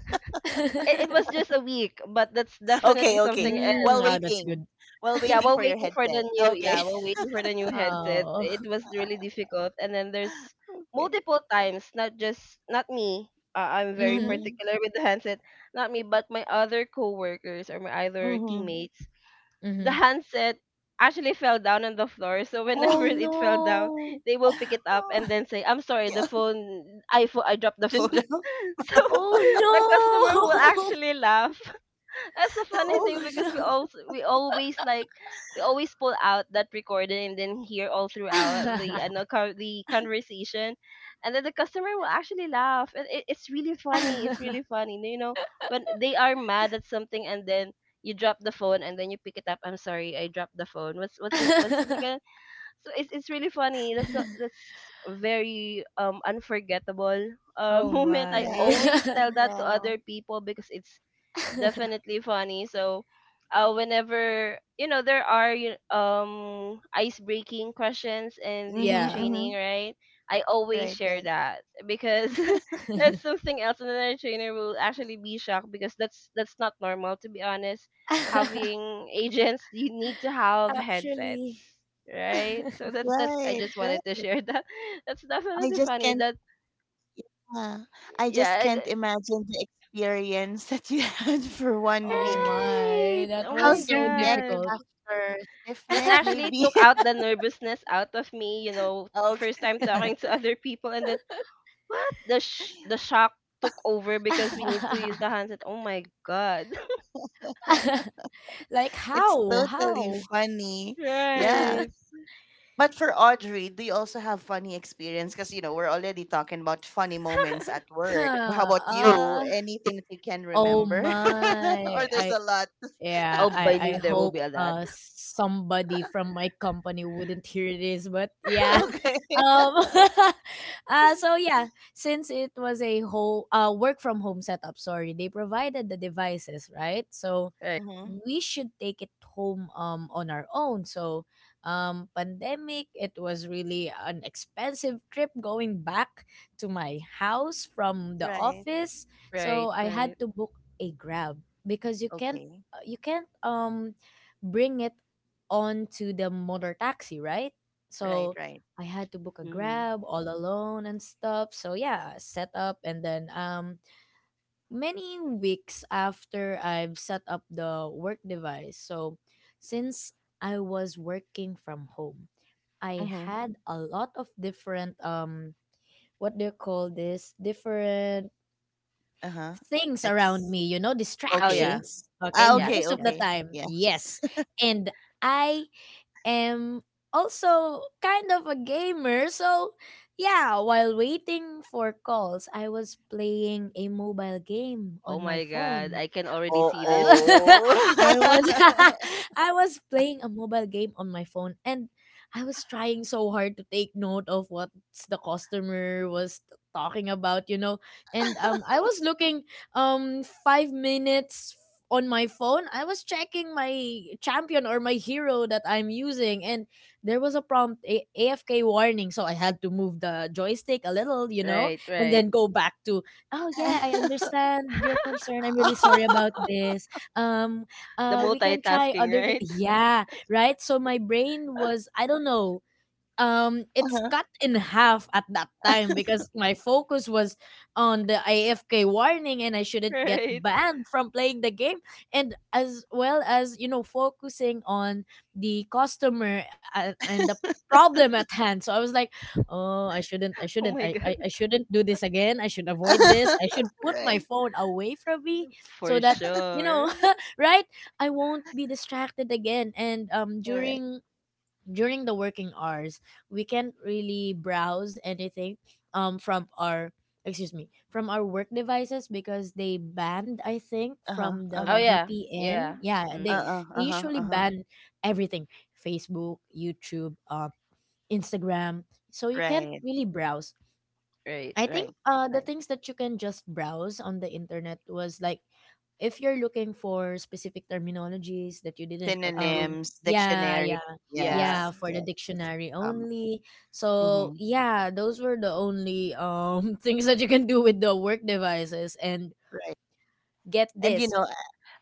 It, it was just a week, but that's
[laughs]
definitely
Okay. Okay.
something.
Mm,
While
oh, that's
waiting,
good.
while
Yeah,
[laughs]
waiting
while
for your
waiting for the
headset.
new, yeah,
Okay.
while waiting for the new headset,
Oh. [laughs]
it was really difficult. And then there's
[laughs] Okay.
multiple times, not just not me. uh, I'm very
Mhm.
Mm-hmm.
particular with the handset. Not me, but my other coworkers or my other
Mm-hmm.
teammates, the
Mhm.
handset actually fell down on the floor. So whenever
Oh
it fell down,
no.
they will pick it up and then say, "I'm sorry, the
[laughs]
phone, I, fo- I dropped the
Just
phone."
[laughs] joke.
[laughs] So
Oh
the customer will
no.
actually laugh. That's a
[laughs]
funny
Oh
thing because we
no.
also we always like we always pull out that recording and then hear all throughout the uh, no, co- the conversation, and then the customer will actually laugh. And it, it's really funny. It's really
[laughs]
funny. You know, when they are mad at something and then you drop the phone and then you pick it up. "I'm sorry, I dropped the phone. What's what's it, what's it again?" So it's it's really funny. That's a, that's very um unforgettable uh [laughs]
Oh
moment. I
Yeah.
always
my.
tell that to
Wow.
other people because it's
[laughs]
definitely funny. So, uh, whenever you know there are you um ice breaking questions in
Mhm,
the
Yeah.
mhm.
training, right? I always
Right,
share
right.
that because [laughs] that's something else. Another trainer will actually be shocked because that's that's not normal to be honest.
[laughs]
Having agents, you need to have
Actually.
headsets, right? So
[laughs]
that's that's. I
Right,
just
right.
wanted to share that. [laughs] That's
I
definitely
just
funny.
can't
That
uh, I just
yeah. I, d-
can't imagine the experience that you [laughs] had for one
Oh
week.
my.
Right.
That
Oh
was
my
How's your
so
neck
god.
difficult.
after? Stiff
That
neck
actually
maybe?
[laughs]
took out
[laughs]
the nervousness out of me, you know first
Okay.
time talking to other people. And then what the sh- the shock took over because we need to use the
[laughs]
handset. Oh my god.
[laughs]
Like
It's
how?
totally
How?
[laughs]
funny. Yeah.
Right.
But for Audrey, do you also have funny experience? Because you know, we're already talking about funny moments at
[laughs]
work. How
Huh.
about you?
Uh,
Anything that you can
oh
remember? [laughs] Or
my.
there's
I.
a lot. [laughs]
Yeah,
Oh,
I I
believe there will
hope
be a lot.
uh somebody from my company wouldn't hear this, but yeah. [laughs]
[laughs]
Okay.
Um [laughs] uh so yeah, since it was a whole uh work from home setup, sorry, they provided the devices, right? So
Right,
Mm-hmm.
we should take it home um on our own. So um pandemic, it was really an expensive trip going back to my house from the
Right.
office. So
right,
I
right.
had to book a Grab because you can't
Okay.
uh, you can't um bring it onto the motor taxi, right?
Right,
So
right.
I had to book a
Mm-hmm.
Grab all alone and stuff. So yeah, set up and then um many weeks after I've set up the work device. So since I was working from home, I
Mm-hmm.
had a lot of different um what do you call this, different
Uh-huh.
things around
Ex-
me, you know,
Oh yeah.
okay.
distractions. Okay,
Ah,
Yeah,
okay,
most of
yeah.
the
okay.
time,
Yeah.
yes. And I am also kind of a gamer, so yeah, while waiting for calls, I was playing a mobile game
Oh
on my
my god,
phone.
I can already
Oh,
see this. [laughs]
[laughs] I
oh.
was
[laughs]
[laughs] I was playing a mobile game on my phone, and I was trying so hard to take note of what the customer was talking about, you know. And um I was looking um five minutes on my phone. I was checking my champion or my hero that I'm using, and there was a prompt a- AFK warning, so I had to move the joystick a little, you know,
Right,
and
right.
then go back to, oh yeah, I understand your concern, I'm really sorry about this, um
The
uh we can try
multitasking,
other things,
right?
yeah, right. So my brain was, I don't know, um it's
Uh-huh.
cut in half at that time because my focus was on the A F K warning, and I
[laughs]
shouldn't get
Right.
banned from playing the game, and as well as, you know, focusing on the customer a- and the problem at hand. So I was like, oh, i shouldn't i
Oh
shouldn't
my
I, I
god,
i shouldn't do this again, I should avoid this, I should put my
Right.
phone away from me so
for
that, you
sure.
know, [laughs] right, I won't be distracted again. And um
Right.
during during the working hours, we can't really browse anything um from our, excuse me, from our work devices because they banned, I think
Uh-huh.
from the
Oh
Uh-huh.
yeah.
V P N,
Yeah.
yeah, they
Mm-hmm.
Uh-uh.
they
Uh-huh.
usually
Uh-huh.
ban everything, Facebook, YouTube, uh, Instagram, so you can't
Right.
really browse.
Right.
I think
Right.
uh the
Right.
things that you can just browse on the internet was like if you're looking for specific terminologies that you didn't
Like the Google.
um
Synonyms,
yeah,
dictionary.
yeah,
Yeah.
yeah,
Yes.
for the
Yes. Yes.
dictionary
Um.
only. So
Mm-hmm.
yeah, those were the only um [laughs] things that you can do with the work devices, and
Right.
get
And you
this,
know,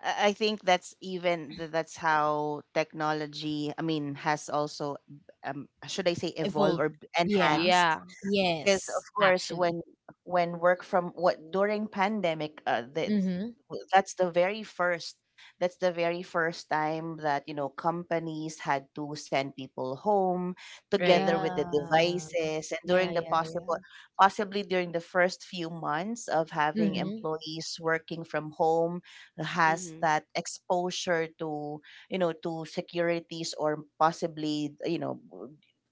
I I think that's even th- that's how technology, I mean, has also, um, should I say, evolved
evolved,
or b-
yeah.
Yeah.
enhanced? Because of
Yes,
course,
actually.
when when work from what during pandemic, uh, the,
Mm-hmm.
that's the very first, that's the very first time that you know companies had to send people home
Right.
together with the
Yeah,
devices. And during
yeah,
the
yeah, yeah.
possible possibly during the first few months of having
Mm-hmm.
employees working from home, has
Mm-hmm.
that exposure to, you know, to securities, or possibly, you know,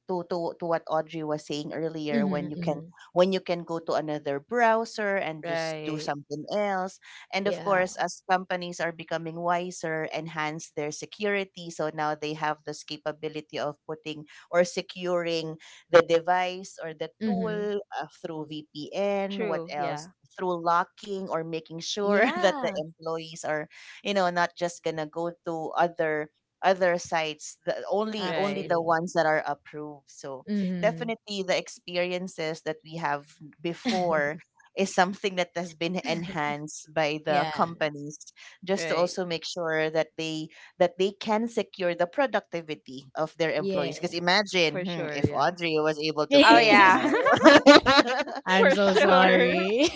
to to to what Audrey was saying earlier, when you
Mm-hmm,
can,
mm-hmm.
when you can go to another browser and just do
Right.
something else. And of
Yeah.
course, as companies are becoming wiser, enhance their security, so now they have this capability of putting or securing the device or the
Mm-hmm.
tool, uh, through V P N. What
True.
else?
Yeah.
Through locking or making sure [laughs] that the
Yeah.
employees are, you know, not just going to go to other other sites, the only only
Right.
the
Actually.
ones that are approved. So
Mm-hmm.
definitely, the experiences that we have before
[laughs]
is something that has been enhanced by the
Yeah,
companies, just to
Right.
also make sure that they, that they can secure the productivity of their employees.
yeah.
Because imagine,
For
hmm,
sure.
if
Yeah.
audrey was able to
Oh,
play you
yeah.
know
[laughs]
[laughs]
[laughs]
I'm
For
so
sure.
sorry.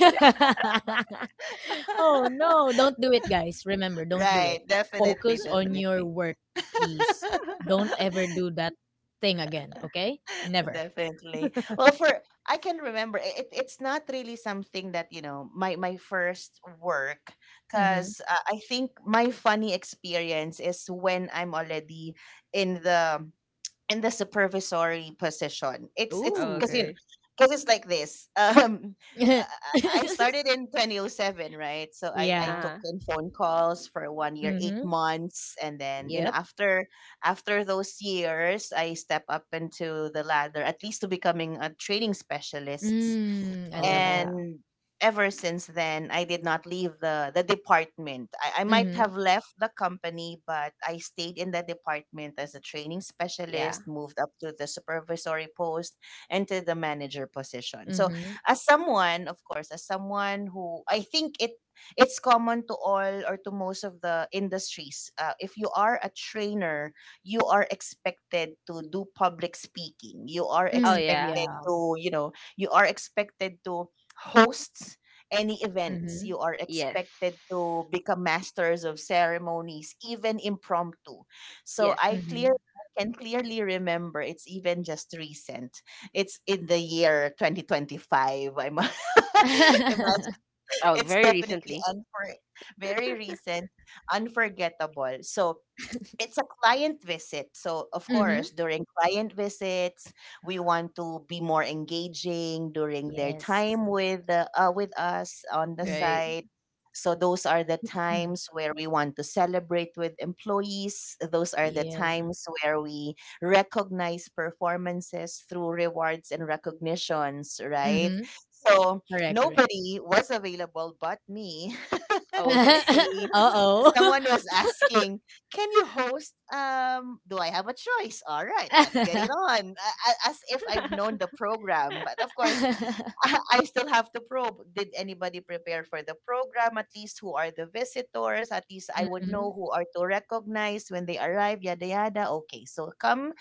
[laughs] Oh no, don't do it, guys. Remember, don't do it.
Right. Definitely,
Focus on your
definitely.
work, please. Don't ever
[laughs]
do that thing again, okay? Never.
Definitely. Well, for I can remember, i- it, it's not really something that, you know, my my first work,
Mm-hmm.
cuz uh, I think my funny experience is when I'm already in the in the supervisory position. It's it's
Oh,
because, you
Ooh.
know,
okay.
because it's like this. [laughs] Um, I I started
[laughs]
in two thousand seven, right? So I I
Yeah.
took
Uh-huh.
in phone calls for one year, eight
Mm-hmm.
months, and then you know
Yep.
after after those years, I step up into the ladder, at least to becoming a training specialist.
Mm, I
Oh,
love
yeah.
it.
And ever since then, I did not leave the the department. I, I might
Mm-hmm.
have left the company, but I stayed in the department as a training
Yeah.
specialist, moved up to the supervisory post and to the manager position. So,
Mm-hmm.
as someone, of course, as someone who I think, it it's common to all or to most of the industries, uh, if you are a trainer, you are expected to do public speaking, you are
Oh,
Mm,
yeah.
expected
yeah.
to, you know you are expected to host any events.
Mm-hmm.
You are
Yes.
expected to become masters of ceremonies, even impromptu. So,
Yes.
I
Mm-hmm.
clear I can clearly remember, it's even just recent. It's in the year twenty twenty-five. I'm [laughs] imagine,
Oh,
it's
very
definitely
recently.
unfor- very recent, unforgettable. So it's a client visit. So, of
[laughs] Mm-hmm.
course, during client visits, we want to be more engaging during their
Yes.
time with the, uh, with us on the
Right.
Mm-hmm.
site. So those are the
Mm,
times where we want to celebrate with employees. Those are the
yeah.
times where we recognize performances through rewards and recognitions, right?
Mhm.
So
Correct, correct.
nobody was available but me.
Oh, okay.
[laughs]
Say
Oh Oo.
someone was asking, "Can you host?" Um, do I have a choice? All right, let's get it on. A- a- As if I've
[laughs]
known the program, but of course, [laughs] I still have to probe. Did anybody prepare for the program? At least, who are the visitors? At least I would know
Mhm.
who are to recognize when they arrive. Yada yada. Okay, so come,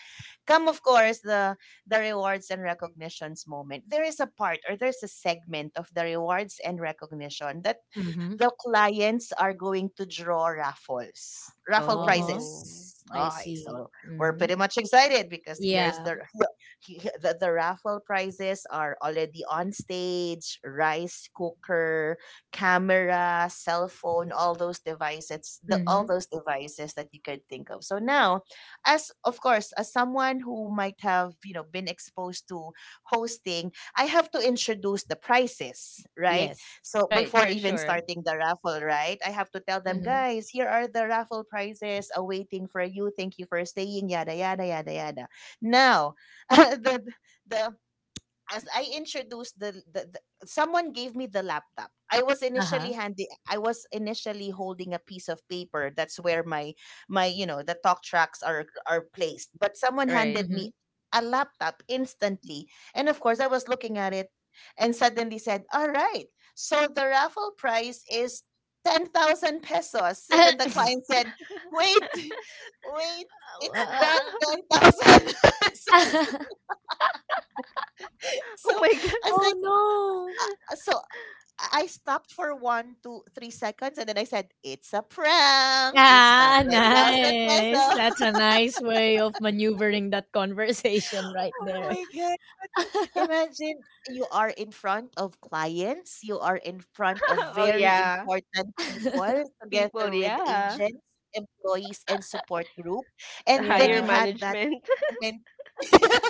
come of course, the, the rewards and recognitions moment, there is a part, or there's a segment of the rewards and recognition, that
Mhm.
the clients are going to draw raffles,
[laughs]
raffle
Uh-huh.
Oh.
prizes.
I
Okay,
see.
so we're
Mhm.
pretty much excited because here's
Yeah.
the [laughs] well, he- he- the, the raffle prizes are already on stage: rice cooker, camera, cell phone, all those devices, the all
Mhm.
those devices that you could think of. So now, as, of course, as someone who might have, you know, been exposed to hosting, I have to introduce the prices, right?
Yes.
So
Right.
before
For
even
sure.
starting the raffle, right, I have to tell them,
Mhm.
"Guys, here are the raffle prizes awaiting for you. Thank you for staying." Yada yada yada yada. Now, [laughs] the the as I introduced, the, the, the someone gave me the laptop. I was initially
Uh-huh.
handy I was initially holding a piece of paper. That's where my, my you know the talk tracks are are placed. But someone
Right.
handed me
Mhm.
a laptop instantly. And of course, I was looking at it and suddenly said, "All right, so the raffle prize is ten thousand pesos." And then the
[laughs]
client said, "Wait, [laughs] wait, it's not ten thousand." [laughs] so,
[laughs]
so
Oh, my God.
as
Oh,
I
no.
uh, so I stopped for one, two, three seconds, and then I said, "It's a prank. It's not
Ah,
ten thousand
nice.
pesos."
That's
[laughs]
a nice way of maneuvering that conversation right
Oh
there.
my god! Imagine you are in front of clients, you are in front of
[laughs] Oh,
very
yeah.
important people,
People.
together with
Yeah.
agents, employees, and support group,
The
and then
higher
you
Yeah.
had that
management. [laughs]
moment, [laughs]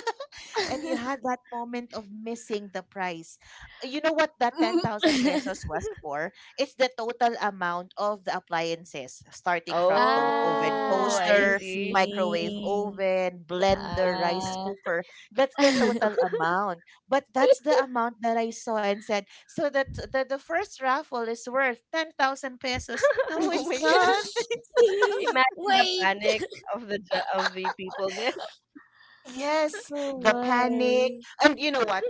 and you had that moment of missing the price. You know what that ten thousand pesos
[laughs]
was for? It's the total amount of the appliances, starting from to- oven
Oh,
Ah,
I
I
toaster,
see.
microwave
see.
oven, blender, rice
Ah.
cooker. That's the
[laughs]
[laughs]
total amount. But that's the amount that I saw and said, so that the, the first raffle is worth ten thousand pesos. No,
Oh
it's
my God.
not.
Imagine the
Wait.
panic of the ju- of the people there.
Yes,
Oh
the panic.
my.
And you know what?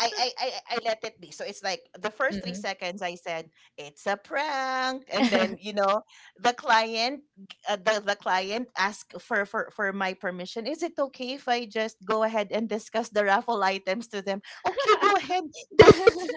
I, I I I let it be. So it's like the first three
Mhm.
seconds I said it's a prank, and then, you
[laughs]
know the client, uh, the the client asked for for for my permission. Is it okay if I just go ahead and discuss the raffle items to them? "Okay, go
[laughs]
ahead, [laughs] do it.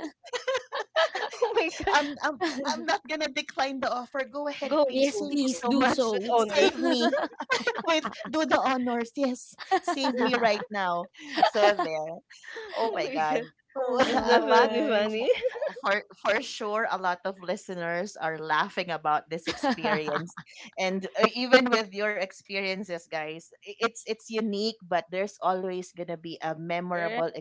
Oh my God.
I'm I'm I'm not gonna decline the offer. Go ahead,
Go,
please.
Yes,
go,
Thank you
go.
please
so
do
much.
Good
so.
owners.
Save me." [laughs] Wait, do the honors. Yes, save me right now. So there.
[laughs]
Oh
Oh
my
my
God.
God.
Oh
That's
[laughs] A lot
definitely
my.
funny.
for, for for sure, a lot of listeners are laughing about this experience.
[laughs]
And uh, even with your experiences, guys, i- it's it's unique, but there's always going to be a memorable
[laughs]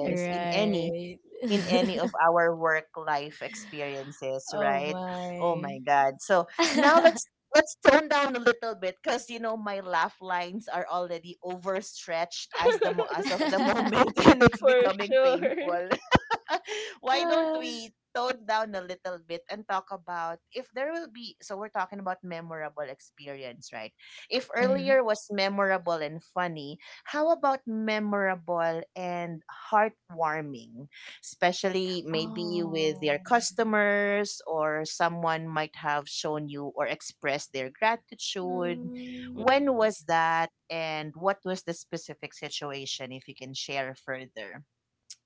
Right.
in any,
Right.
in
[laughs]
any of our work life experiences,
Oh
right? Oh
my.
my God. So now,
[laughs]
let's let's tone down a little bit, because you know, my laugh lines are already overstretched, as the mo- as of
[laughs]
the moment, [laughs] and it's
For
becoming
sure.
painful. [laughs] Why don't
Ah.
we tone down a little bit and talk about, if there will be so we're talking about memorable experience, right? If
Right.
Mhm.
earlier was memorable and funny, how about memorable and heartwarming? Especially maybe with your
Oh.
customers, or someone might have shown you or expressed their gratitude.
Mm,
When
Mhm.
was that, and what was the specific situation? If you can share further,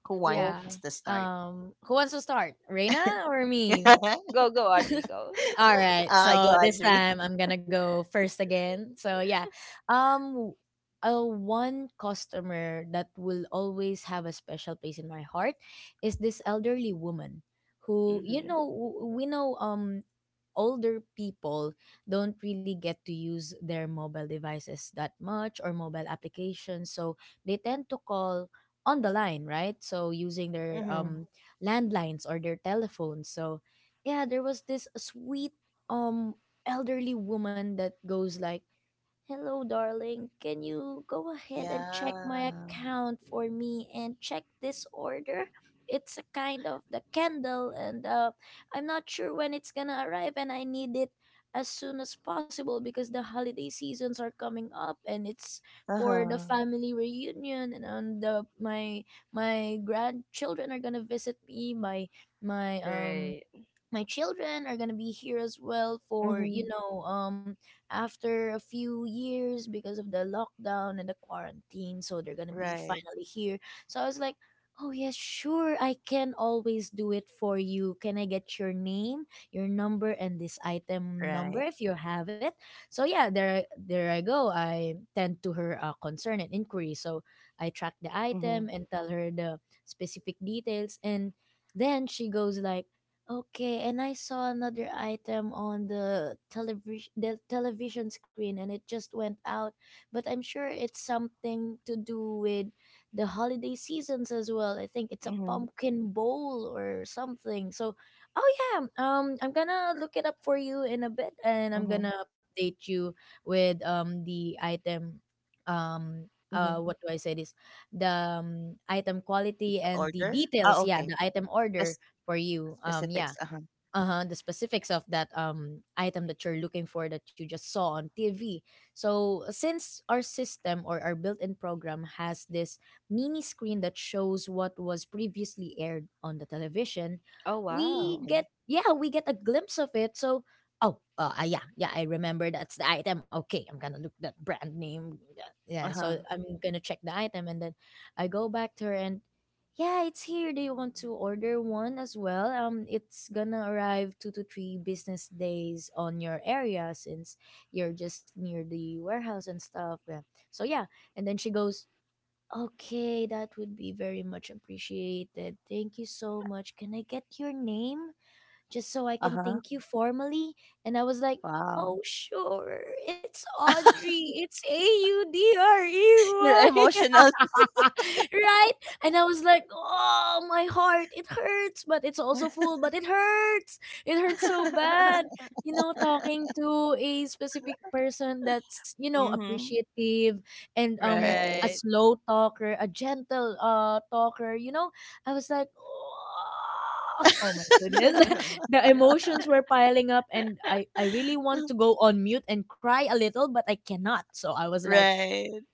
who wants
Oh,
yeah.
to start?
Um, who wants to start? Reina or me?
[laughs]
go, go, Audrey, go. [laughs]
All right.
I go,
So this
Audrey.
time I'm gonna go first again. So yeah, um, a one customer that will always have a special place in my heart is this elderly woman who, you
Mm-hmm.
know, w- we know um older people don't really get to use their mobile devices that much or mobile applications, so they tend to call on the line, right? So using their
Mm-hmm.
um landlines or their telephones. So yeah, there was this sweet um elderly woman that goes like, "Hello, darling. Can you go ahead and check my
Yeah.
account for me and check this order? It's a kind of the candle and uh I'm not sure when it's going to arrive, and I need it as soon as possible because the holiday seasons are coming up, and it's
Uh
for
huh.
the family reunion. And on the my my grandchildren are going to visit me, my my um
Right.
my children are gonna be here as well for
Mm-hmm.
you know um after a few years because of the lockdown and the quarantine, so they're gonna be
Right.
finally here. So I was like, oh, yes, sure, I can always do it for you. Can I get your name, your number, and this item
Right.
number if you have it? So yeah, there there I go. I tend to her uh, concern and inquiry, so I track the
Mm-hmm.
item and tell her the specific details. And then she goes like, "Okay, and I saw another item on the television, the television screen, and it just went out, but I'm sure it's something to do with the holiday seasons as well. I think it's a
Mm-hmm.
pumpkin bowl or something." So, oh, yeah, um I'm going to look it up for you in a bit, and I'm
Mm-hmm.
going to update you with um the item um
Mm-hmm.
uh what do I say this? The um, item
It's the
quality and the
order. Oh,
details, yeah,
okay.
the item
Spec-
order for you. Um
Specifics.
yeah,
Uh huh.
uh-huh, the specifics of that um item that you're looking for, that you just saw on T V. So since our system or our built-in program has this mini screen that shows what was previously aired on the television,
Oh,
we
wow.
Okay.
get, yeah, we get a glimpse of it. So oh, uh, ah, yeah, yeah, I remember, that's the item. Okay, I'm going to look that brand name. Yeah, yeah,
Uh huh.
so I'm going to check the item, and then I go back to her and, yeah, it's here. They want to order one as well. Um, it's gonna arrive two to three business days on your area since you're just near the warehouse and stuff. Yeah. So yeah, and then she goes, "Okay, that would be very much appreciated. Thank you so much. Can I get your name, just so I
Uh
can
huh.
thank you formally?" And I was like,
Wow.
oh, sure. It's Audrey. It's A U D R E
[laughs] You're
Y.
emotional.
[laughs] Right? And I was like, oh, my heart, it hurts, but it's also full, but it hurts. It hurts so bad.
[laughs]
You know, talking to a specific person that's, you know,
Mm-hmm.
appreciative and um a
Right.
Right.
slow talker, a gentle uh talker, you know, I was like, oh, [laughs] oh my goodness. [laughs]
[laughs]
The emotions were piling up, and I, I really want to go on mute and cry a little, but I cannot. So I was like,
Right.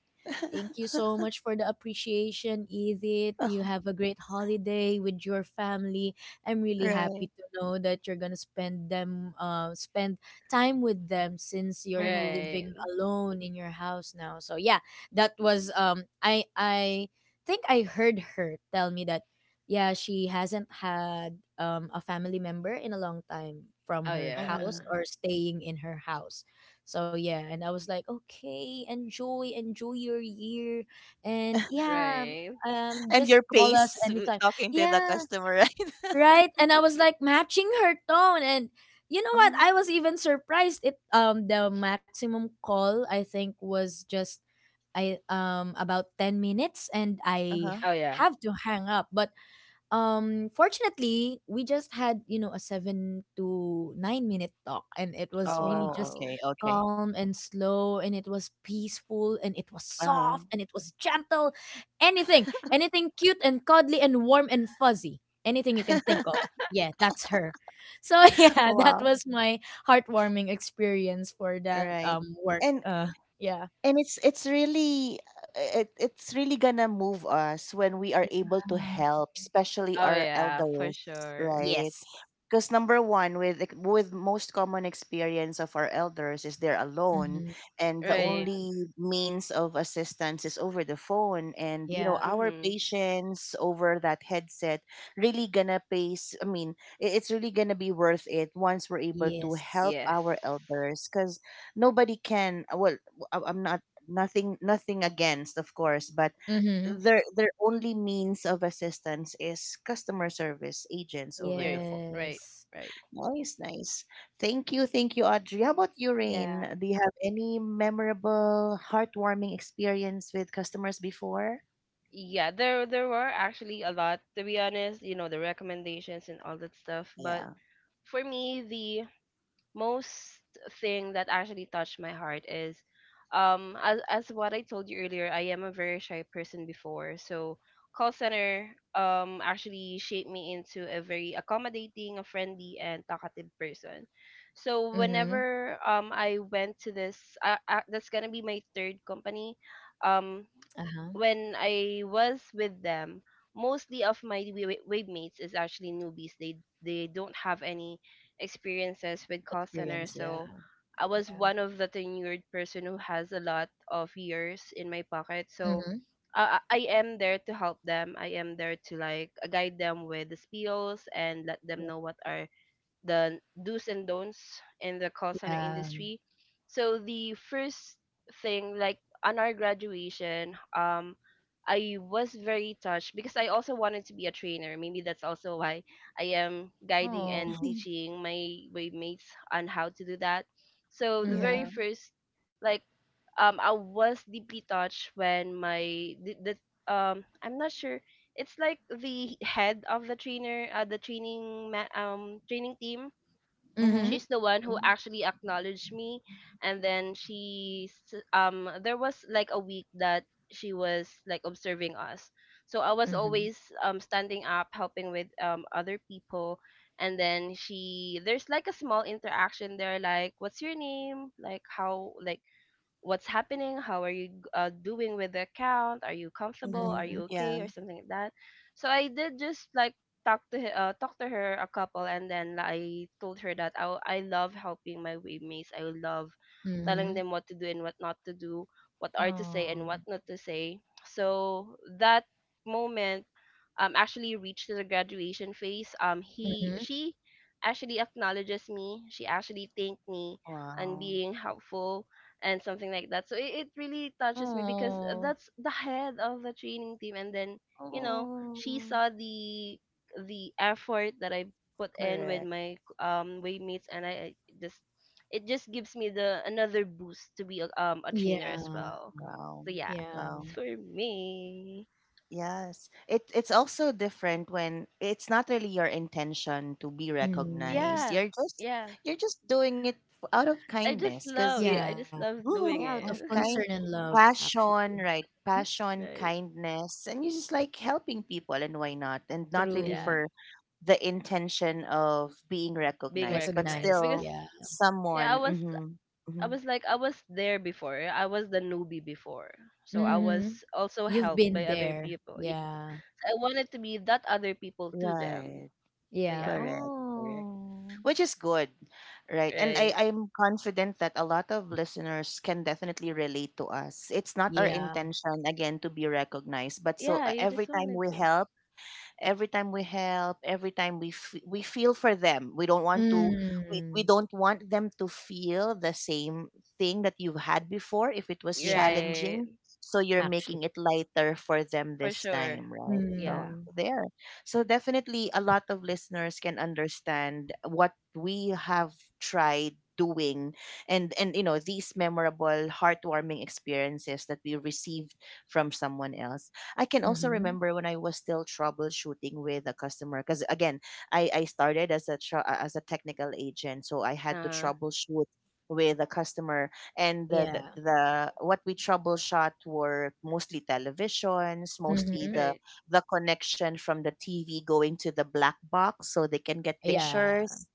thank you so much for the appreciation, Edith. You have a great holiday with your family. I'm really
Right.
happy to know that you're gonna spend them, uh, spend time with them since you're
Mm-hmm.
living
Right.
alone in your house now. So yeah, that was um, I I think I heard her tell me that, yeah, she hasn't had um a family member in a long time from
Oh
her
yeah.
Mm-hmm.
house or staying in her house. So yeah, and I was like, okay, enjoy, enjoy your year, and yeah,
Right.
um,
And
just
your
call us
pace w-
anytime.
talking to the
Yeah,
customer, right? [laughs]
right. And I was like matching her tone, and you know
Uh
what?
huh.
I was even surprised. It um the maximum call I think was just I um about ten minutes, and
Uh
I
huh.
Oh yeah.
have to hang up. But um fortunately we just had, you know, a seven to nine minute talk, and it was
Oh
really
Oh,
just
okay.
wow.
Okay.
calm and slow, and it was peaceful, and it was
Uh huh.
soft, and it was gentle. Anything, anything cute and cuddly and warm and fuzzy, anything you can think of, yeah, that's her. So [laughs]
[laughs]
yeah, that
Wow.
was my heartwarming experience for that
Right.
um work.
And
Uh yeah.
and it's it's really uh, it, it's really gonna move us when we are able to
Yeah.
help, especially
Oh
our
yeah, for
elders,
sure.
right?
Yes.
Because number one, with ex- with most common experience of our elders is they're
Mm-hmm.
alone, and the
Yeah.
Right.
only means of assistance is over the phone. And you know,
Yeah.
our
Mhm.
patience over that headset really gonna pays. I mean, i- it's really gonna be worth it once we're able to help
Yes.
Yes.
our elders, because nobody can, well, I- I'm not, nothing nothing against, of course, but
Mm-hmm.
their their only means of assistance is customer service agents over
Yeah,
the phone.
right,
Yes.
right.
Nice, nice. Thank you, thank you, Audrey. How about you,
Yeah.
Rain? Do you have any memorable, heartwarming experience with customers before?
Yeah, there there were actually a lot to be honest, you know, the recommendations and all that stuff, but
Yeah.
for me the most thing that actually touched my heart is um as as what I told you earlier, I am a very shy person before. So call center um actually shaped me into a very accommodating, a friendly and talkative person. So
Mm-hmm.
whenever um I went to this uh, uh, that's going to be my third company. Um
Uh-huh.
when I was with them, mostly of my wa- wave mates is actually newbies. They they don't have any experiences with call center,
Experience, yeah.
so I was
Yeah.
one of the tenured person who has a lot of years in my pocket. So
Mm-hmm.
I I I am there to help them. I am there to like guide them with the skills and let them know what are the do's and don'ts in the call center
Yeah.
industry. So the first thing, like on our graduation, um, I was very touched because I also wanted to be a trainer. Maybe that's also why I am guiding and
Oh.
teaching my mates on how to do that. So the very
Yeah,
Mm-hmm.
first, like, um, I was deeply touched when my the, the um, I'm not sure, it's like the head of the trainer, uh, the training ma- um training team.
Mm-hmm.
Mm-hmm.
She's the one who actually acknowledged me. And then she s- um there was like a week that she was like observing us, so I was
Mm-hmm.
always um standing up helping with um other people. And then she there's like a small interaction there, like what's your name, like how, like what's happening, how are you uh, doing with the account, are you comfortable,
Mm-hmm.
are
Mm-hmm.
you
Yeah.
okay, or something like that. So I did just like talk to her, uh, talk to her a couple. And then I told her that i, I love helping my waymates. I love telling
Mm-hmm.
them what to do and what not to do, what are to
Oh.
say and what not to say. So that moment um actually reached the graduation phase. Um he
Mm-hmm.
She actually acknowledges me, she actually thanked me and
Wow.
being helpful and something like that. So it, it really touches me because
Oh.
that's the head of the training team. And then, you know, she
Oh.
saw the the effort that I put in with
Correct.
my um waymates. And I I just, it just gives me the another boost to be a, um a
Yeah.
trainer as well.
Wow.
So yeah,
Yeah.
Wow.
it's for me.
Yes. It it's also different when it's not really your intention to be
Mm-hmm.
recognized.
Yeah.
You're just
Yeah.
you're just doing it, f- out of
I just
kindness, because
love,
you
yeah, I
Yeah.
just love
Yeah, out
doing
mm,
of
it.
concern and love, actually.
passion, right?
Mhm.
[laughs]
Passion,
Right.
kindness, and you just like helping people, and why not? And not really
True.
Yeah.
for the intention of being
Being
recognized, but
recognized
Recognized,
because
still,
yeah.
yeah, I
someone.
was
Mm-hmm,
I
hmm.
was like I was there before. I was the newbie before. So I
Mm-hmm.
was also
You've
helped
been
by other
there.
people. Yes,
Yeah.
I wanted to be that other people to them.
Right.
So
Yeah.
yeah,
Correct. Correct.
Oh.
Which is good, right? And I,
right.
I'm confident that a lot of listeners can definitely relate to us. It's not our
Yeah.
intention, again, to be recognized, but so
Yeah,
uh,
you
every
just
time
wanted
we
to.
help, every time we help, every time we f- we feel for them. We don't want to we, we
Mm.
don't want them to feel the same thing that you've had before if it was
Yeah.
Right.
challenging, so you're
F-
making
Actually.
it lighter for them
for
this
sure.
time, right? so
Yeah.
Mm.
there so definitely a lot of listeners can understand what we have tried doing. And and you know these memorable, heartwarming experiences that we received from someone else. I can also
Mhm.
remember when I was still troubleshooting with a customer, because again, I I started as a tr- as a technical agent, so I had to
Uh,
troubleshoot with a customer, and the,
Yeah.
the the what we troubleshot were mostly televisions, mostly
Mhm.
the
right.
the connection from the TV going to the black box so they can get
Yeah.
Yeah.
pictures.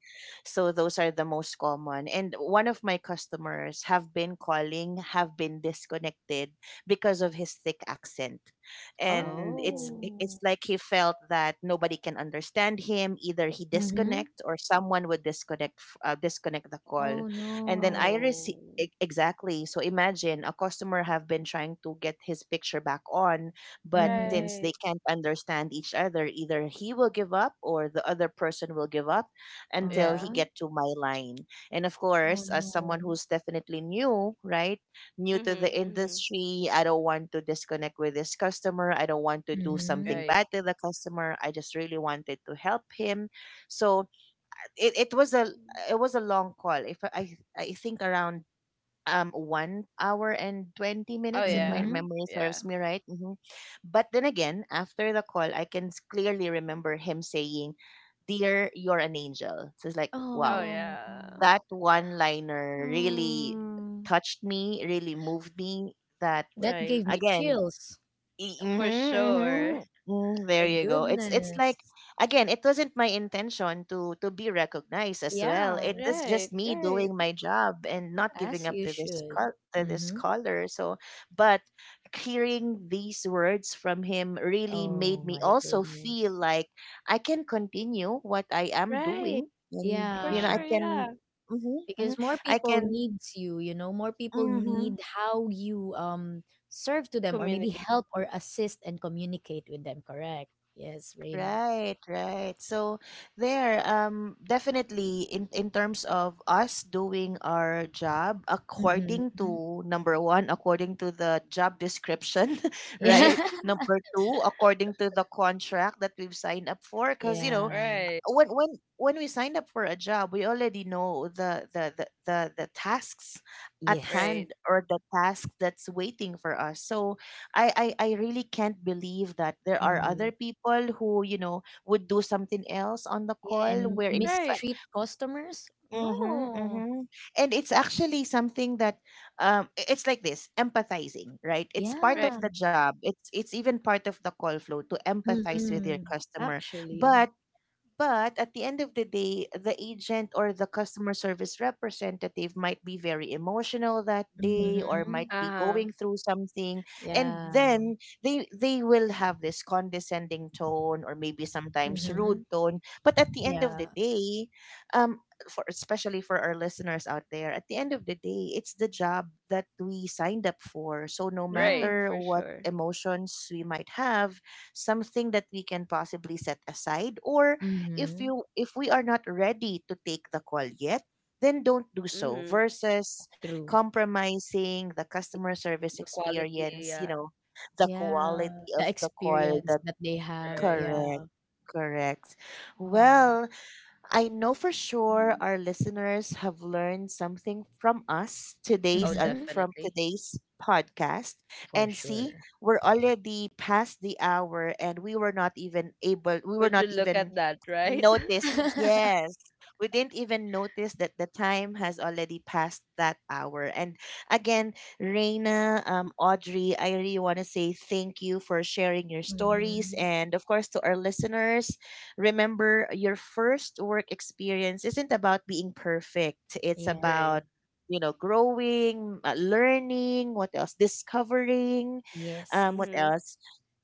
So those are the most common. And one of my customers have been calling, have been disconnected because of his thick accent. And it's
Oh.
it's
Oh.
like he felt that nobody can understand him. Either he
Mhm.
disconnect or someone would disconnect f- uh, disconnect the call,
Oh
and then I
no.
received.
Oh.
Exactly, so imagine a customer have been trying to get his picture back on, but
Mhm.
since they
Right.
can't understand each other, either he will give up or the other person will give up until
Yeah.
he
Uh-huh.
get to my line. And of
Oh
course, as
no.
someone who's definitely new, right, new to the
Mhm. Mhm.
industry, I don't want to disconnect with this customer. I don't want to do
Mhm.
something
Right.
bad to the customer. I just really wanted to help him. So it, it was a
Mm.
it was a long call. If I I think around um one hour and twenty
Oh
minutes, if my
yeah.
Mhm.
memory
Yeah.
serves me right. Hmm but then again, after the call, I can s- clearly remember him saying, "Dear, you're an angel." So it's like,
Oh
wow,
yeah.
Oh.
that one liner really
Mm.
touched me, really moved me. That
That gave
Right.
me
again,
chills.
E,
For
mm-hmm,
sure.
mm-hmm. Mm.
My
There you go. It's it's like,
goodness.
again, it wasn't my intention to to be recognized as well. It
Yeah,
is just
Right,
me doing
right.
my job and not giving
as
up
you
to this
should.
col to this
Mhm.
caller. So, but hearing these words from him really made
Oh
me
my
also feel
goodness.
like I can continue what I am
Right.
doing. And
For
you know, I
Yeah,
sure,
can,
yeah.
mm-hmm, mm-hmm,
because more
I
people
can.
needs you, you know, more people need
Mm-hmm.
how you um serve to them or maybe
Communicate.
help or assist and communicate with them, correct? Yes, Reina.
Right, right. So there, um, definitely in in terms of us doing our job, according
Hmm.
to number one, according to the job description, [laughs]
Yeah.
right?
Right. [laughs]
Number two, according to the contract that we've signed up for.
[laughs]
Because you know,
Yeah.
Right.
when when when we signed up for a job, we already know the the the the, the tasks at
Yes.
Right.
hand, or the task that's waiting for us. So I, I I really can't believe that there are
Hmm.
other people who, you know, would do something else on the
Yeah,
call
and
where in fact.
Right.
mistreat customers,
Mm-hmm,
no.
mm-hmm. And it's actually something that um i- it's like this empathizing, right? It's part
Right.
Yeah.
of the job. It's it's even part of the call flow to empathize with
Hmm.
your customer.
Actually.
But but at the end of the day, the agent or the customer service representative might be very emotional that day, or
Hmm.
might be
Uh-huh.
going through something. And
Yeah.
then they they will have this condescending tone, or maybe sometimes rude
Hmm.
tone. But at the end of
Yeah.
the day, um, for, especially for our listeners out there, at the end of the day, it's the job that we signed up for. So no
Yeah.
Right,
matter
for
what
sure.
emotions we might have, something that we can possibly set aside. Or if
Hmm.
you if we are not ready to take the call yet, then don't do so,
Mm-hmm.
versus
True.
compromising the
Yeah,
customer service
the quality,
experience, you
yeah.
know, the
Yeah,
quality of
the
the call,
experience
the
that they have.
Right.
Yeah.
correct, correct.
Oh.
Well, I know for sure our listeners have learned something from us
Oh,
today's uh,
Mm-hmm.
from
definitely.
today's podcast.
For
And see,
sure.
we're already past the hour and we were not even able we were
Would you
not
look at
even
that, right?
[laughs]
[laughs]
noticed.
Mm-hmm.
Yes. We didn't even notice that the time has already passed that hour. And again, Reina, um, Audrey, I really want to say thank you for sharing your stories. And of course, to our listeners, remember, your first work experience isn't about being perfect. It's
Yeah.
Right.
about, you know, growing, uh, learning, what else, discovering, um, what
Yes.
Mm-hmm.
else,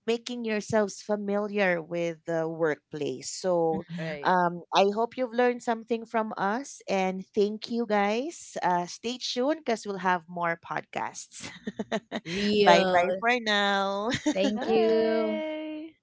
making yourselves familiar with the workplace. So
Mm-hmm.
Right.
um, I hope you've learned something from us, and thank you guys. Uh, stay tuned, because we'll have more podcasts. [laughs] bye
Real.
bye for now.
Thank you.
Bye.